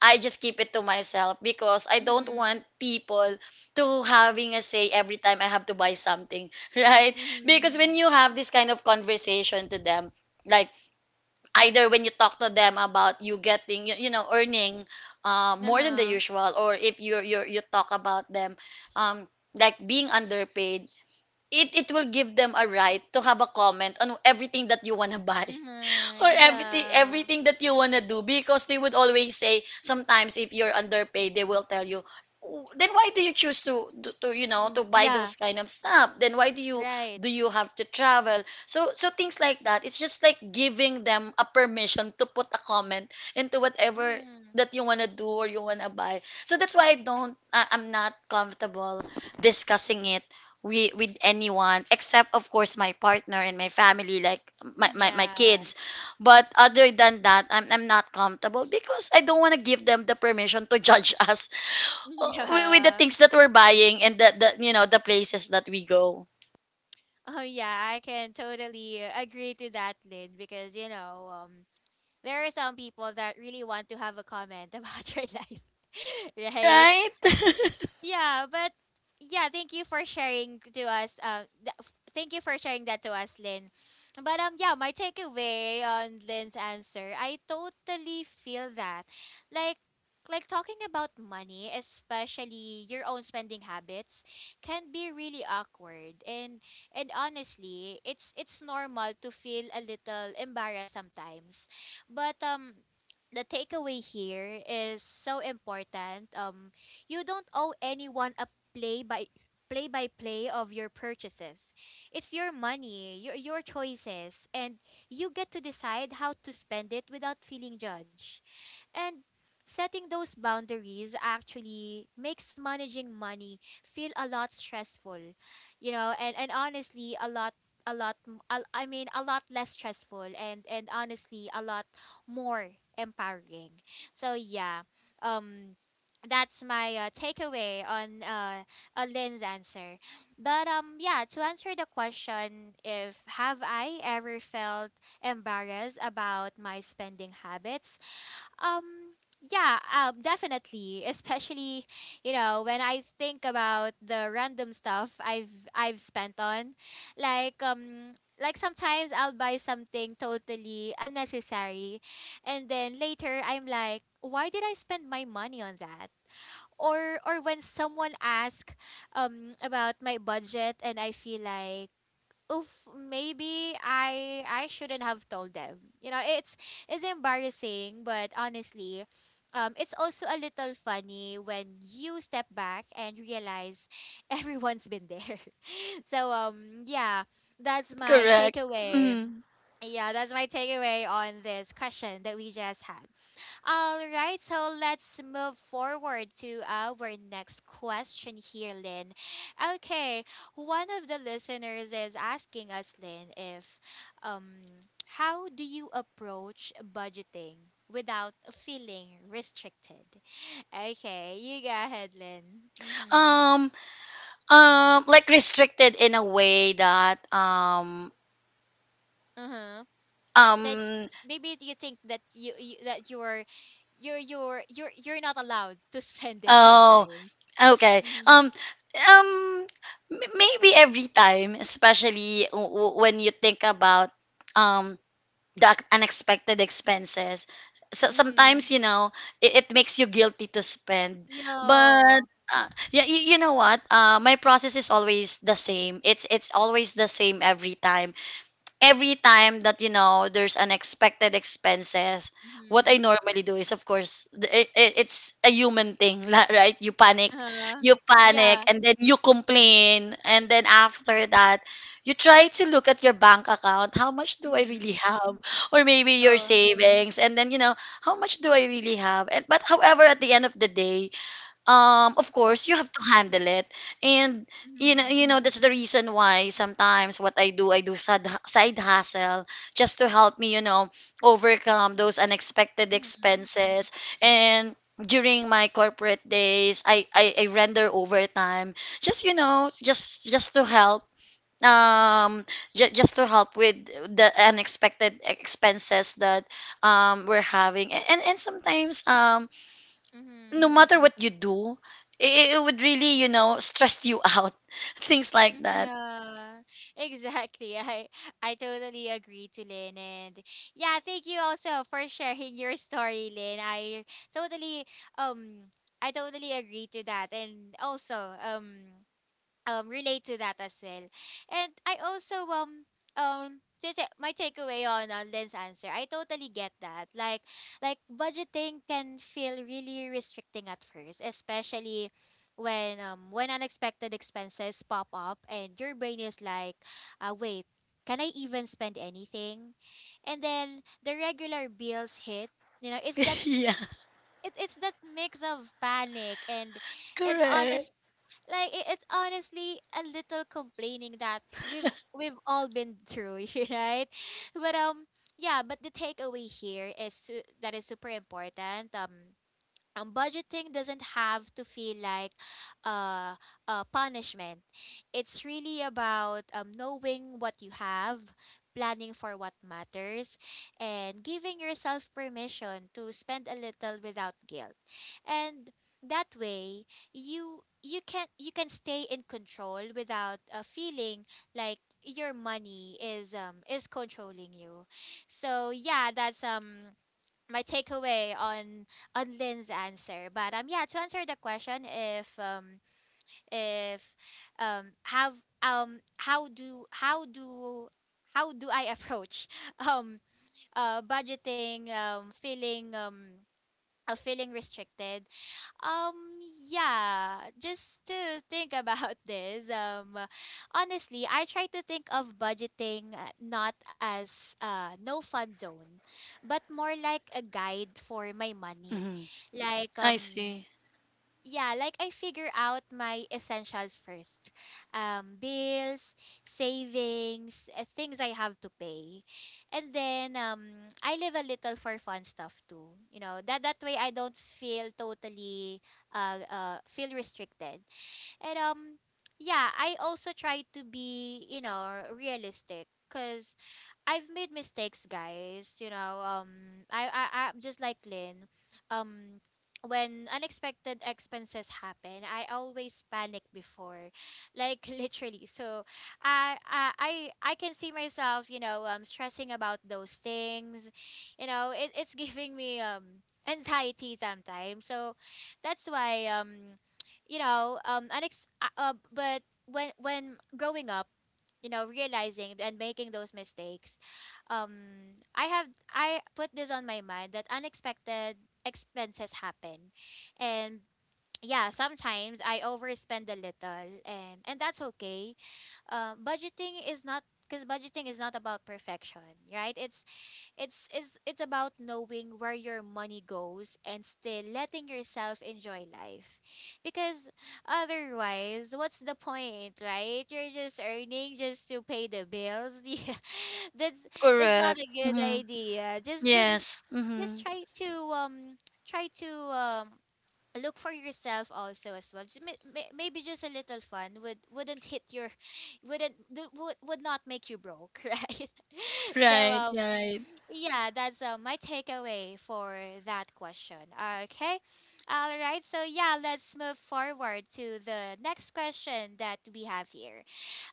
[SPEAKER 2] I just keep it to myself because I don't
[SPEAKER 1] Mhm.
[SPEAKER 2] want people to having a say every time I have to buy something, right? Because when
[SPEAKER 1] Mhm.
[SPEAKER 2] you have this kind of conversation to them, like, either when you talk to them about you getting, you know, earning more than the
[SPEAKER 1] Uh-huh.
[SPEAKER 2] usual, or if you talk about them um like being underpaid, it will give them a right to have a comment on everything that you want to buy,
[SPEAKER 1] Mhm,
[SPEAKER 2] or everything
[SPEAKER 1] yeah.
[SPEAKER 2] everything that you want to do. Because they would always say, sometimes if you're underpaid, they will tell you, "Oh, then why do you choose to, you know,
[SPEAKER 1] Mm,
[SPEAKER 2] to buy
[SPEAKER 1] yeah,
[SPEAKER 2] those kind of stuff? Then why do you
[SPEAKER 1] right.
[SPEAKER 2] have to travel so," so things like that. It's just like giving them a permission to put a comment into whatever
[SPEAKER 1] Mhm,
[SPEAKER 2] that you want to do or you want to buy. So that's why I don't I, I'm not comfortable discussing it with anyone, except, of course, my partner and my family, like
[SPEAKER 1] mhm,
[SPEAKER 2] my
[SPEAKER 1] yeah.
[SPEAKER 2] kids. But other than that, I'm not comfortable, because I don't want to give them the permission to judge us with the
[SPEAKER 1] Yeah.
[SPEAKER 2] things that we're buying, and the, you know, the places that we go.
[SPEAKER 1] Oh yeah, I can totally agree to that, Lynn, because you know, there are some people that really want to have a comment about your life, right?
[SPEAKER 2] Right?
[SPEAKER 1] But- Yeah, but yeah, thank you for sharing to us. Thank you for sharing that to us, Lynn. But yeah, my takeaway on Lynn's answer, I totally feel that, like. Like talking about money, especially your own spending habits, can be really awkward and honestly, it's normal to feel a little embarrassed sometimes. But the takeaway here is so important. You don't owe anyone a play by play by play of your purchases. It's your money, your choices, and you get to decide how to spend it without feeling judged. And setting those boundaries actually makes managing money feel a lot stressful. You know, and honestly a lot less stressful and honestly a lot more empowering. So yeah, um, that's my takeaway on Lynn's answer. But yeah, to answer the question, if have I ever felt embarrassed about my spending habits? Um, yeah, definitely. Especially, you know, when I think about the random stuff I've spent on, like um, like sometimes I'll buy something totally unnecessary, and then later I'm like, why did I spend my money on that? Or when someone asks about my budget and I feel like oof, maybe I shouldn't have told them. You know, it's embarrassing, but honestly, it's also a little funny when you step back and realize everyone's been there. So yeah, that's my
[SPEAKER 2] Correct.
[SPEAKER 1] takeaway.
[SPEAKER 2] Mm.
[SPEAKER 1] Yeah, that's my takeaway on this question that we just had. All right, so let's move forward to our next question here, Lynn. Okay, one of the listeners is asking us, Lynn, if um how do you approach budgeting without feeling restricted? Okay, you go ahead, Lynn. Mhm.
[SPEAKER 2] Um like restricted in a way that
[SPEAKER 1] Uh-huh. That
[SPEAKER 2] um
[SPEAKER 1] maybe you think that you, that you're not allowed to spend it
[SPEAKER 2] oh,
[SPEAKER 1] sometimes.
[SPEAKER 2] okay.
[SPEAKER 1] Mhm.
[SPEAKER 2] Um Maybe every time, especially when you think about um unexpected expenses. So sometimes,
[SPEAKER 1] Mhm.
[SPEAKER 2] you know, it makes you guilty to spend, but
[SPEAKER 1] Yeah.
[SPEAKER 2] yeah, you know what? My process is always the same. It's always the same every time, every time that, you know, there's unexpected expenses. What I
[SPEAKER 1] Mhm.
[SPEAKER 2] normally do is, of course, it's a human thing, right? You panic.
[SPEAKER 1] Uh-huh.
[SPEAKER 2] You panic,
[SPEAKER 1] Yeah.
[SPEAKER 2] and then you complain, and then after that you try to look at your bank account. How much do I really
[SPEAKER 1] Mhm.
[SPEAKER 2] have? Or maybe your
[SPEAKER 1] Oh.
[SPEAKER 2] savings, and then, you know, how much do I really have. And but however, at the end of the day, of course you have to handle it. And you know,
[SPEAKER 1] Mhm.
[SPEAKER 2] you know that's the reason why sometimes what I do, I do side hustle just to help me, you know, overcome those unexpected
[SPEAKER 1] Mhm.
[SPEAKER 2] expenses. And during my corporate days, I render overtime just, you know, just to help um just to help with the unexpected expenses that we're having. And and sometimes, no
[SPEAKER 1] Mhm.
[SPEAKER 2] matter what you do, it would really, you know, stress you out. Things like
[SPEAKER 1] Mhm.
[SPEAKER 2] that.
[SPEAKER 1] Yeah. Exactly. I totally agree to Lynn and yeah, thank you also for sharing your story, Lynn. Totally um I totally agree to that and also um relate to that as well. And I also um my takeaway on Lynn's answer, I totally get that. Like budgeting can feel really restricting at first, especially when unexpected expenses pop up and your brain is like, wait, can I even spend anything? And then the regular bills hit. You know, it's that
[SPEAKER 2] Yeah.
[SPEAKER 1] it's that mix of panic and
[SPEAKER 2] Correct.
[SPEAKER 1] honest like it's honestly a little complaining that we've we've all been through right but yeah but the takeaway here is that is super important budgeting doesn't have to feel like uh, a punishment. It's really about knowing what you have, planning for what matters, and giving yourself permission to spend a little without guilt. And that way, you can stay in control without feeling like your money is controlling you. So yeah, that's my takeaway on Lynn's answer. But yeah, to answer the question if if have um how do how do how do I approach um budgeting feeling restricted um, yeah, just to think about this, honestly, I try to think of budgeting not as no fun zone, but more like a guide for my money.
[SPEAKER 2] Hmm.
[SPEAKER 1] Like,
[SPEAKER 2] I see.
[SPEAKER 1] yeah, like I figure out my essentials first. Bills, savings, things I have to pay. And then I leave a little for fun stuff too. You know, that way I don't feel totally feel restricted. And yeah, I also try to be, you know, realistic cuz I've made mistakes, guys. You know, I'm just like Lynn. Um, when unexpected expenses happen, I always panic before, like literally. So, I can see myself, you know, stressing about those things. You know, it, it's giving me anxiety sometimes. So, that's why but when growing up, you know, realizing and making those mistakes, um I have I put this on my mind that unexpected expenses happen and yeah, sometimes I overspend a little and that's okay. Budgeting is not about perfection, right? It's it's about knowing where your money goes and still letting yourself enjoy life. Because otherwise, what's the point, right? You're just earning just to pay the bills. Yeah. That's that's not
[SPEAKER 2] Correct.
[SPEAKER 1] a good
[SPEAKER 2] Hmm.
[SPEAKER 1] idea.
[SPEAKER 2] Yes.
[SPEAKER 1] Just
[SPEAKER 2] Hmm.
[SPEAKER 1] try to try to um look for yourself also as well. Maybe just a little fun wouldn't hit your wouldn't do- would not make you broke, right? so
[SPEAKER 2] Right.
[SPEAKER 1] um
[SPEAKER 2] Yeah, right.
[SPEAKER 1] yeah, that's my takeaway for that question. Okay. All right. So, yeah, let's move forward to the next question that we have here.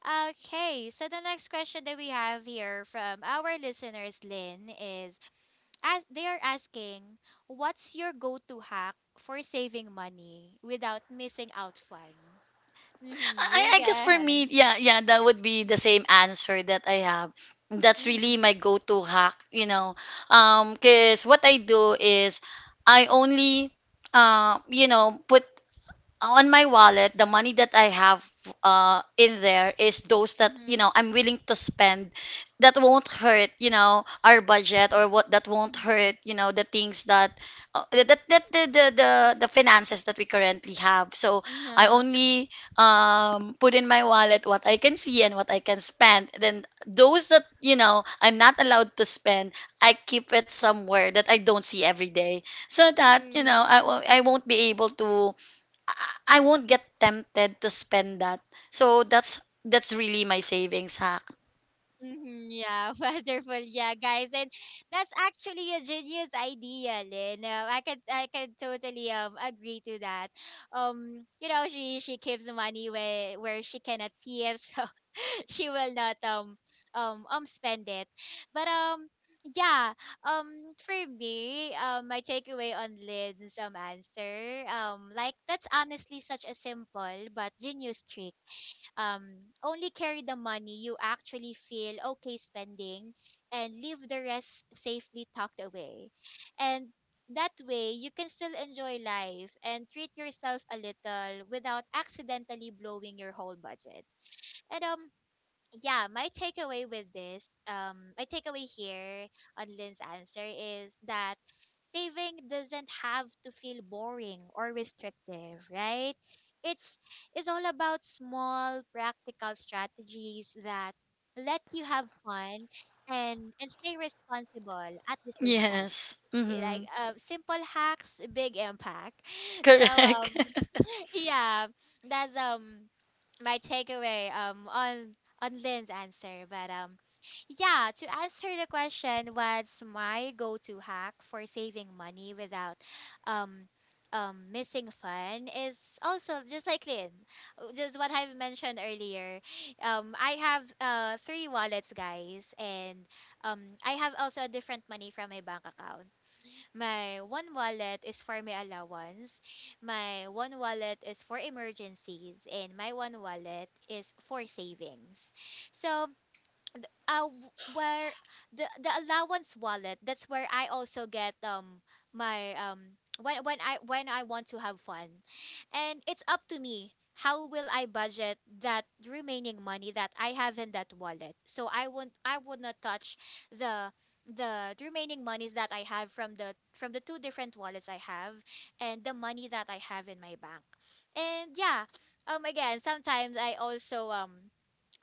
[SPEAKER 1] Okay. So, the next question that we have here from our listeners, Lynn, is as they are asking, what's your go to hack for saving money without missing out fun? Mm-hmm, you
[SPEAKER 2] I guess for
[SPEAKER 1] guys.
[SPEAKER 2] me, yeah, yeah, that would be the same answer that I have. That's really my
[SPEAKER 1] Mm-hmm.
[SPEAKER 2] go-to hack, you know. Cause what I do is I only, you know, put on my wallet, the money that I have in there is those that,
[SPEAKER 1] Mm-hmm.
[SPEAKER 2] you know, I'm willing to spend, that won't hurt, you know, our budget, or what that won't
[SPEAKER 1] Mm-hmm.
[SPEAKER 2] hurt, you know, the things that, that the finances that we currently have. So I
[SPEAKER 1] Yeah.
[SPEAKER 2] only, put in my wallet what I can see and what I can spend. Then those that, you know, I'm not allowed to spend, I keep it somewhere that I don't see every day, so that, you
[SPEAKER 1] Mm-hmm.
[SPEAKER 2] know, I won't be able to, I won't get tempted to spend that. So that's really my savings hack.
[SPEAKER 1] Mm-hmm, yeah, wonderful. Yeah, guys, and that's actually a genius idea, Lynn. I could totally agree to that. You know, she keeps the money where she cannot see it, so she will not spend it. But yeah, um for me, my takeaway on Lynn's answer, like that's honestly such a simple but genius trick, only carry the money you actually feel okay spending and leave the rest safely tucked away. And that way, you can still enjoy life and treat yourself a little without accidentally blowing your whole budget. And yeah, my takeaway with this, my takeaway here on Lynn's answer is that saving doesn't have to feel boring or restrictive, right? It's it's all about small practical strategies that let you have fun and stay responsible at the same time,
[SPEAKER 2] Yes.
[SPEAKER 1] like
[SPEAKER 2] Mm-hmm.
[SPEAKER 1] simple hacks, big impact. So
[SPEAKER 2] Correct.
[SPEAKER 1] um, yeah, that's my takeaway on Lynn's answer. But yeah, to answer the question, what's my go-to hack for saving money without um missing fun is also just like Lynn, just what I've mentioned earlier. I have three wallets, guys, and I have also a different money from my bank account. My one wallet is for my allowance. My one wallet is for emergencies. And my one wallet is for savings. So where the allowance wallet, that's where I also get my when I want to have fun, and it's up to me how will I budget that remaining money that I have in that wallet. So I would not touch the the remaining monies that I have from the two different wallets I have and the money that I have in my bank. And yeah, again, sometimes I also um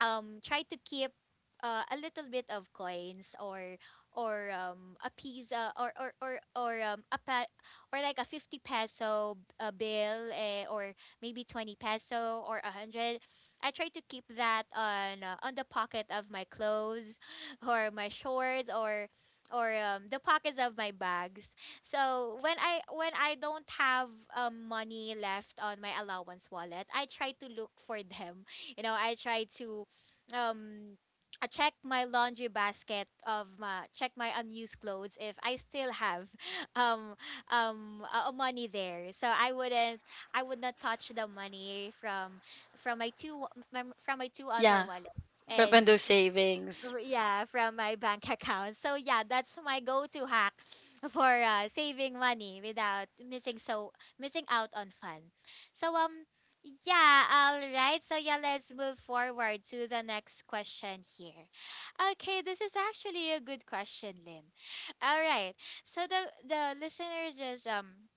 [SPEAKER 1] um try to keep a little bit of coins or a pizza or a or like a 50 peso a bill eh, or maybe 20 peso or a 100. I try to keep that on the pocket of my clothes or my shorts or the pockets of my bags. So when I don't have money left on my allowance wallet, I try to look for them. You know, I try to um I check my laundry basket of my check my unused clothes if I still have um money there. So I would not touch the money from my two other
[SPEAKER 2] Yeah.
[SPEAKER 1] wallets.
[SPEAKER 2] From
[SPEAKER 1] And
[SPEAKER 2] those savings.
[SPEAKER 1] yeah, from my bank account. So yeah, that's my go-to hack for saving money without missing out on fun. so um yeah, all right. So yeah, let's move forward to the next question here. Okay, this is actually a good question, Lynn. All right, so the listener just um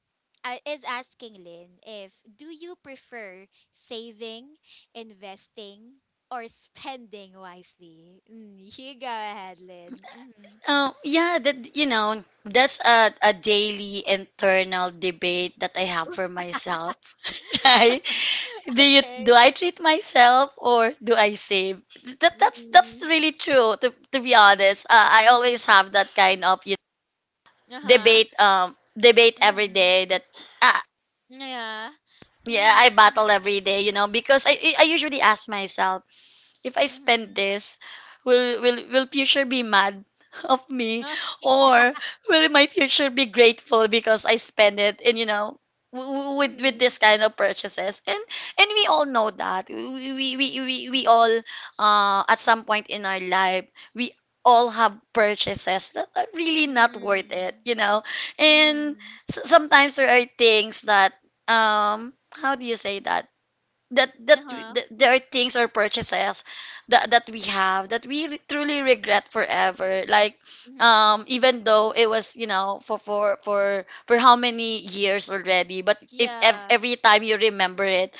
[SPEAKER 1] uh, is asking Lynn, if do you prefer saving, investing, or spending wisely? Mm, you go ahead, Lynn. Mm-hmm.
[SPEAKER 2] Oh yeah, that, you know, that's a daily internal debate that I have for myself. Right? Do you
[SPEAKER 1] Okay.
[SPEAKER 2] do I treat myself or do I save? That's
[SPEAKER 1] Mm-hmm.
[SPEAKER 2] really true. To be honest, I always
[SPEAKER 1] Mm-hmm.
[SPEAKER 2] have that kind of you
[SPEAKER 1] Uh-huh.
[SPEAKER 2] debate debate every
[SPEAKER 1] Mm-hmm.
[SPEAKER 2] day, that I,
[SPEAKER 1] Yeah.
[SPEAKER 2] yeah, I
[SPEAKER 1] Mm-hmm.
[SPEAKER 2] battle every day, you know, because I usually ask myself, if I spend
[SPEAKER 1] Mm-hmm.
[SPEAKER 2] this, will future be mad of me,
[SPEAKER 1] Uh, yeah.
[SPEAKER 2] or will my future be grateful because I spend it? And you know, with
[SPEAKER 1] Mm-hmm.
[SPEAKER 2] this kind of purchases. And we all know that we all, at some point in our life, we all have purchases that are really not worth it,
[SPEAKER 1] Mm-hmm.
[SPEAKER 2] you know. And
[SPEAKER 1] Mm.
[SPEAKER 2] sometimes there are things that, um how do you say that,
[SPEAKER 1] Uh-huh.
[SPEAKER 2] that there are things or purchases that we have, that we truly regret forever. Like,
[SPEAKER 1] Mm-hmm.
[SPEAKER 2] even though it was, you know, for how many years already, but if, ev
[SPEAKER 1] Yeah.
[SPEAKER 2] every time you remember it,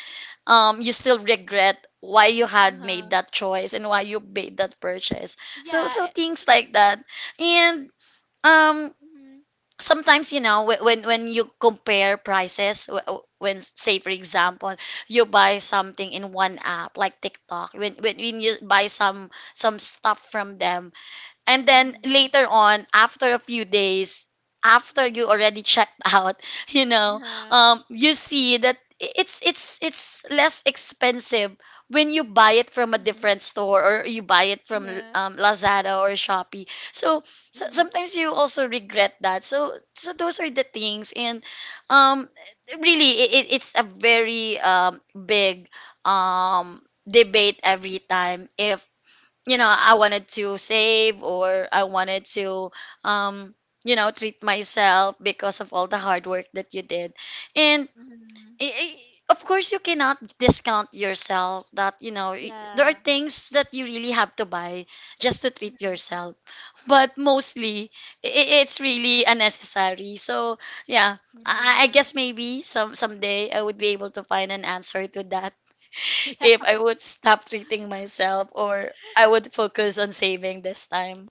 [SPEAKER 2] you still regret why you had made
[SPEAKER 1] Uh-huh.
[SPEAKER 2] that choice and why you made that purchase. So
[SPEAKER 1] Yeah.
[SPEAKER 2] so things like that. And um
[SPEAKER 1] Mm-hmm.
[SPEAKER 2] sometimes, you know, when you compare prices, when, say for example, you buy something in one app like TikTok. When you buy some stuff from them, and then
[SPEAKER 1] Mm-hmm.
[SPEAKER 2] later on, after a few days, after you already checked out, you know,
[SPEAKER 1] Uh-huh.
[SPEAKER 2] you see that it's less expensive when you buy it from a
[SPEAKER 1] Mm-hmm.
[SPEAKER 2] different store, or you buy it from,
[SPEAKER 1] Yeah.
[SPEAKER 2] Lazada or Shopee. So
[SPEAKER 1] Mm-hmm.
[SPEAKER 2] sometimes you also regret that. So so those are the things. And um, really, it's a very, big, um debate every time, if, you know, I wanted to save or I wanted to, um you know, treat myself because of all the hard work that you did. And
[SPEAKER 1] Mhm.
[SPEAKER 2] i- i- of course, you cannot discount yourself that, you know, there are
[SPEAKER 1] Yeah.
[SPEAKER 2] things that you really have to buy just to treat
[SPEAKER 1] Mhm.
[SPEAKER 2] yourself. But mostly it's really unnecessary. So yeah, I
[SPEAKER 1] Yeah.
[SPEAKER 2] guess maybe some someday I would be able to find an answer to that,
[SPEAKER 1] Yeah.
[SPEAKER 2] if I would stop treating myself or I would focus on saving this time.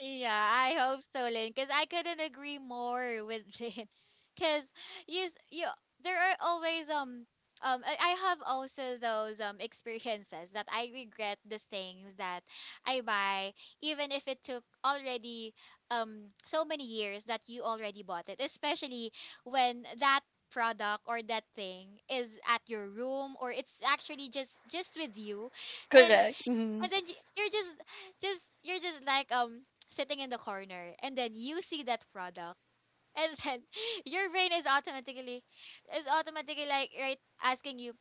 [SPEAKER 1] Yeah, I hope so, Lynn, because I couldn't agree more with Lynn. Because you, s- you, there are always I have also those experiences that I regret the things that I buy, even if it took already so many years that you already bought it, especially when that product or that thing is at your room or it's actually just with you. And
[SPEAKER 2] Correct. Mm-hmm.
[SPEAKER 1] you're just you're just like sitting in the corner, and then you see that product, and then your brain is automatically like, right, asking you,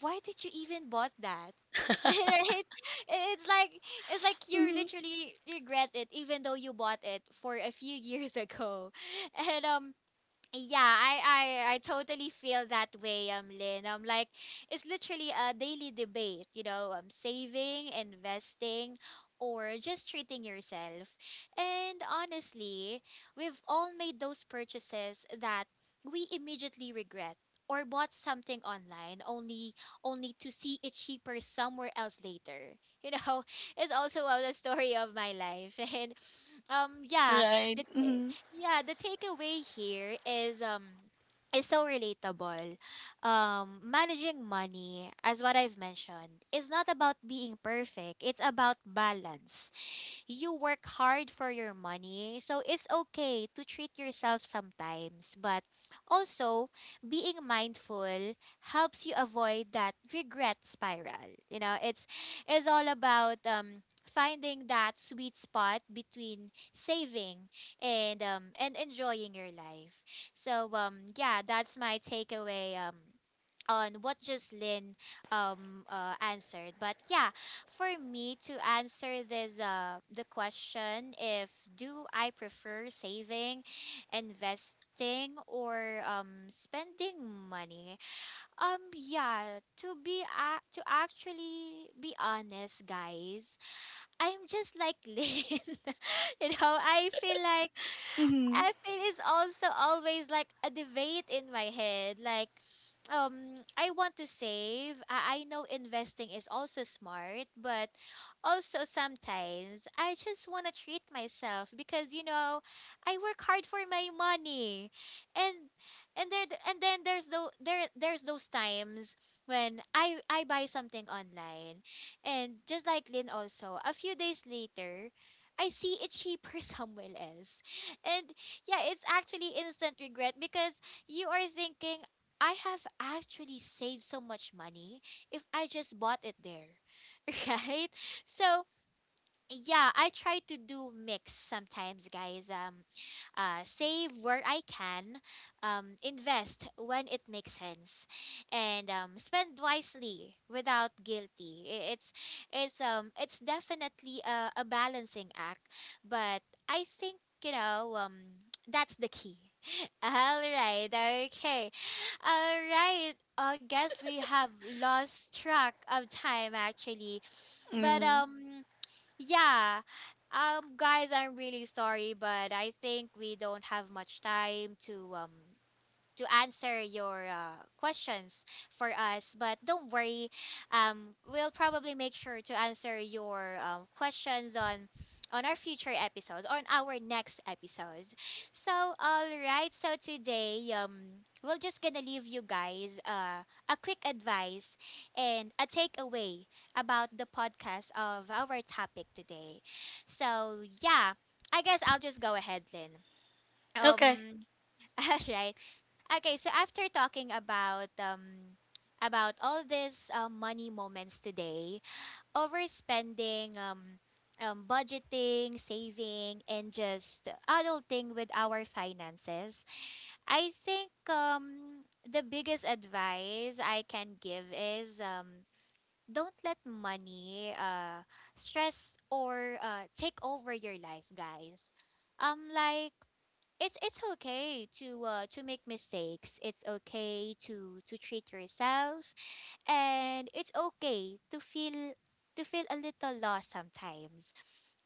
[SPEAKER 1] why did you even bought that? Right? It's like it's like you
[SPEAKER 2] Mm-hmm.
[SPEAKER 1] literally regret it even though you bought it for a few years ago. and yeah, I totally feel that way, Lynn. Like, it's literally a daily debate, you know, saving, investing, or just treating yourself. And honestly, we've all made those purchases that we immediately regret, or bought something online only to see it cheaper somewhere else later. You know, it's also the story of my life, and yeah,
[SPEAKER 2] Right.
[SPEAKER 1] the ta-
[SPEAKER 2] Mm-hmm.
[SPEAKER 1] yeah, the takeaway here is so relatable. Managing money, as what I've mentioned, is not about being perfect. It's about balance. You work hard for your money, so it's okay to treat yourself sometimes. But also, being mindful helps you avoid that regret spiral. You know, it's all about finding that sweet spot between saving and enjoying your life. Yeah, that's my takeaway on what just Lynn answered. But yeah, for me to answer this the question, if do I prefer saving, investing, or spending money? Yeah, to actually be honest, guys, I'm just like Lynn. You know, I feel like
[SPEAKER 2] Mm-hmm.
[SPEAKER 1] I feel it's also always like a debate in my head. Like, I want to save. I know investing is also smart, but also sometimes I just want to treat myself because you know I work hard for my money, and and there and then there there's those times when I buy something online, and just like Lynn also, a few days later, I see it cheaper somewhere else. And yeah, it's actually instant regret because you are thinking, I have actually saved so much money if I just bought it there, right? So yeah, I try to do mix sometimes, guys. Save where I can, invest when it makes sense, and spend wisely without guilty. It's it's definitely a balancing act, but I think, you know, that's the key. All right, okay, all right. I guess we have lost track of time actually, but
[SPEAKER 2] Mm-hmm.
[SPEAKER 1] um. Yeah. Guys, I'm really sorry, but I think we don't have much time to answer your questions for us. But don't worry, we'll probably make sure to answer your questions on our future episodes, on our next episodes. So, all right. So today, we're just gonna leave you guys a quick advice and a takeaway about the podcast of our topic today. So yeah, I guess I'll just go ahead then.
[SPEAKER 2] Okay.
[SPEAKER 1] Um, alright. Okay, so after talking about all these money moments today, overspending, budgeting, saving, and just adulting with our finances, I think the biggest advice I can give is don't let money stress or take over your life, guys. Like, it's okay to make mistakes. It's okay to treat yourself, and it's okay to feel a little lost sometimes.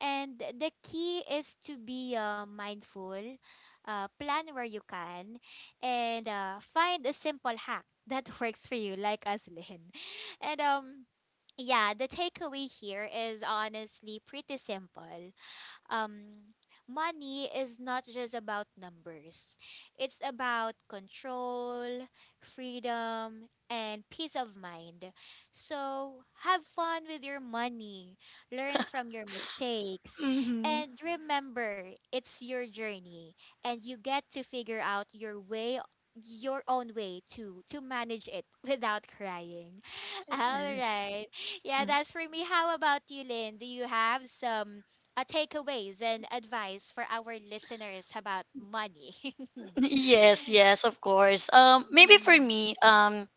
[SPEAKER 1] And the key is to be mindful, plan where you can, and find a simple hack that works for you, like us, Lynn. And yeah, the takeaway here is honestly pretty simple. um, Money is not just about numbers, it's about control, freedom, and peace of mind. So have fun with your money, learn from your mistakes,
[SPEAKER 2] Mm-hmm.
[SPEAKER 1] and remember, it's your journey, and you get to figure out your way your own way to manage it without crying. All
[SPEAKER 2] Yes.
[SPEAKER 1] right, yeah,
[SPEAKER 2] Mm.
[SPEAKER 1] that's for me. How about you, Lynn? Do you have some takeaways and advice for our listeners about money?
[SPEAKER 2] Yes, yes, of course. Maybe for
[SPEAKER 1] Mm-hmm.
[SPEAKER 2] me, um,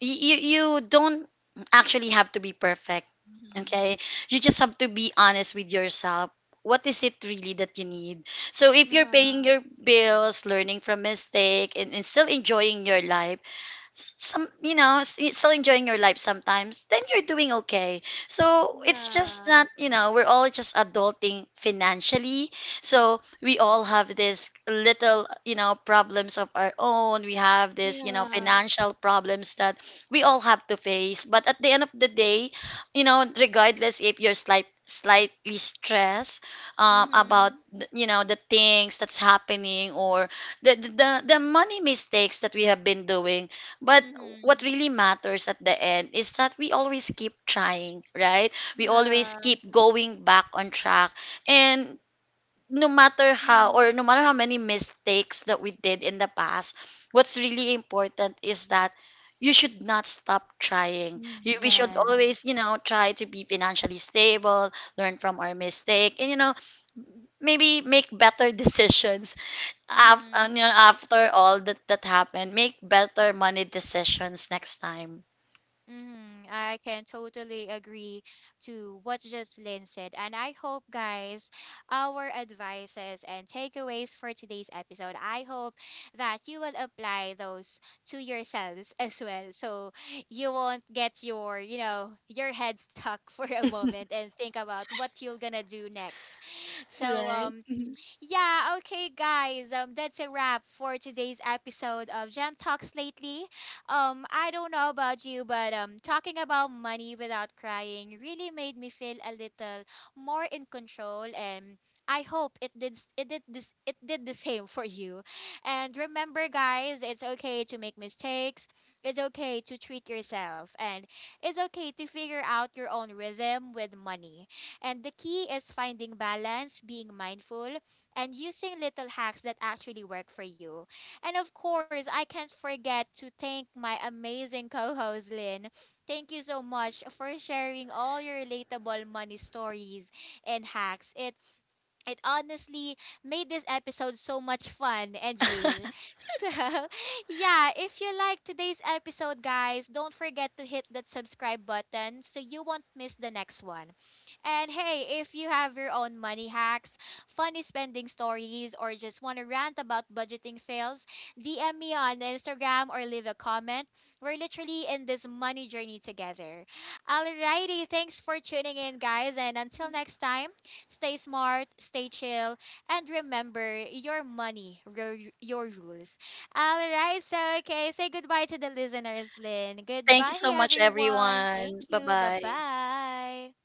[SPEAKER 2] y- you you don't actually have to be perfect.
[SPEAKER 1] Mm-hmm.
[SPEAKER 2] Okay, you just have to be honest with yourself. What is it really that you need? So if you're
[SPEAKER 1] Yeah.
[SPEAKER 2] paying your bills, learning from mistake, and still enjoying your life, s- some you know s- y- still enjoying your life sometimes, then you're doing okay. So it's just
[SPEAKER 1] Yeah.
[SPEAKER 2] that, you know, we're all just adulting financially. So we all have this little, you know, problems of our own. We have this, you know,
[SPEAKER 1] Yeah.
[SPEAKER 2] financial problems that we all have to face. But at the end of the day, you know, regardless if you're slightly stressed, about
[SPEAKER 1] Mm-hmm.
[SPEAKER 2] you know, the things that's happening, or the money mistakes that we have been doing, but what
[SPEAKER 1] Mm-hmm.
[SPEAKER 2] really matters at the end is that we always keep trying, right? We always
[SPEAKER 1] Yeah.
[SPEAKER 2] keep going back on track. And no matter how,
[SPEAKER 1] Mm-hmm.
[SPEAKER 2] or no matter how many mistakes that we did in the past, what's really important is that you should not stop trying. We should
[SPEAKER 1] Yeah.
[SPEAKER 2] always, you know, try to be financially stable, learn from our mistake, and you know, maybe make better decisions
[SPEAKER 1] Mm-hmm.
[SPEAKER 2] you know, after all that that happened, make better money decisions next time.
[SPEAKER 1] Mm, I can totally agree to what Jocelyn said. And I hope, guys, our advices and takeaways for today's episode, I hope that you will apply those to yourselves as well. So you won't get your, you know, your head stuck for a moment and think about what you're gonna do next. So,
[SPEAKER 2] Right.
[SPEAKER 1] yeah, okay, guys. That's a wrap for today's episode of Gem Talks Lately. I don't know about you, but talking about money without crying really made me feel a little more in control, and I hope it did this it did the same for you. And remember, guys, it's okay to make mistakes. It's okay to treat yourself, and it's okay to figure out your own rhythm with money. And the key is finding balance, being mindful, and using little hacks that actually work for you. And of course, I can't forget to thank my amazing co host, Lynn. Thank you so much for sharing all your relatable money stories and hacks. It honestly made this episode so much fun and real. So, yeah, if you like today's episode, guys, don't forget to hit that subscribe button so you won't miss the next one. And hey, if you have your own money hacks, funny spending stories, or just want to rant about budgeting fails, DM me on Instagram or leave a comment. We're literally in this money journey together. Alrighty, thanks for tuning in, guys, and until next time. Stay smart, stay chill, and remember, your money, your rules. All right, so okay, say goodbye to the listeners, Lynn.
[SPEAKER 2] Thanks
[SPEAKER 1] Goodbye,
[SPEAKER 2] so much,
[SPEAKER 1] everyone.
[SPEAKER 2] everyone.
[SPEAKER 1] Thank
[SPEAKER 2] Bye
[SPEAKER 1] you. Bye
[SPEAKER 2] bye.
[SPEAKER 1] bye.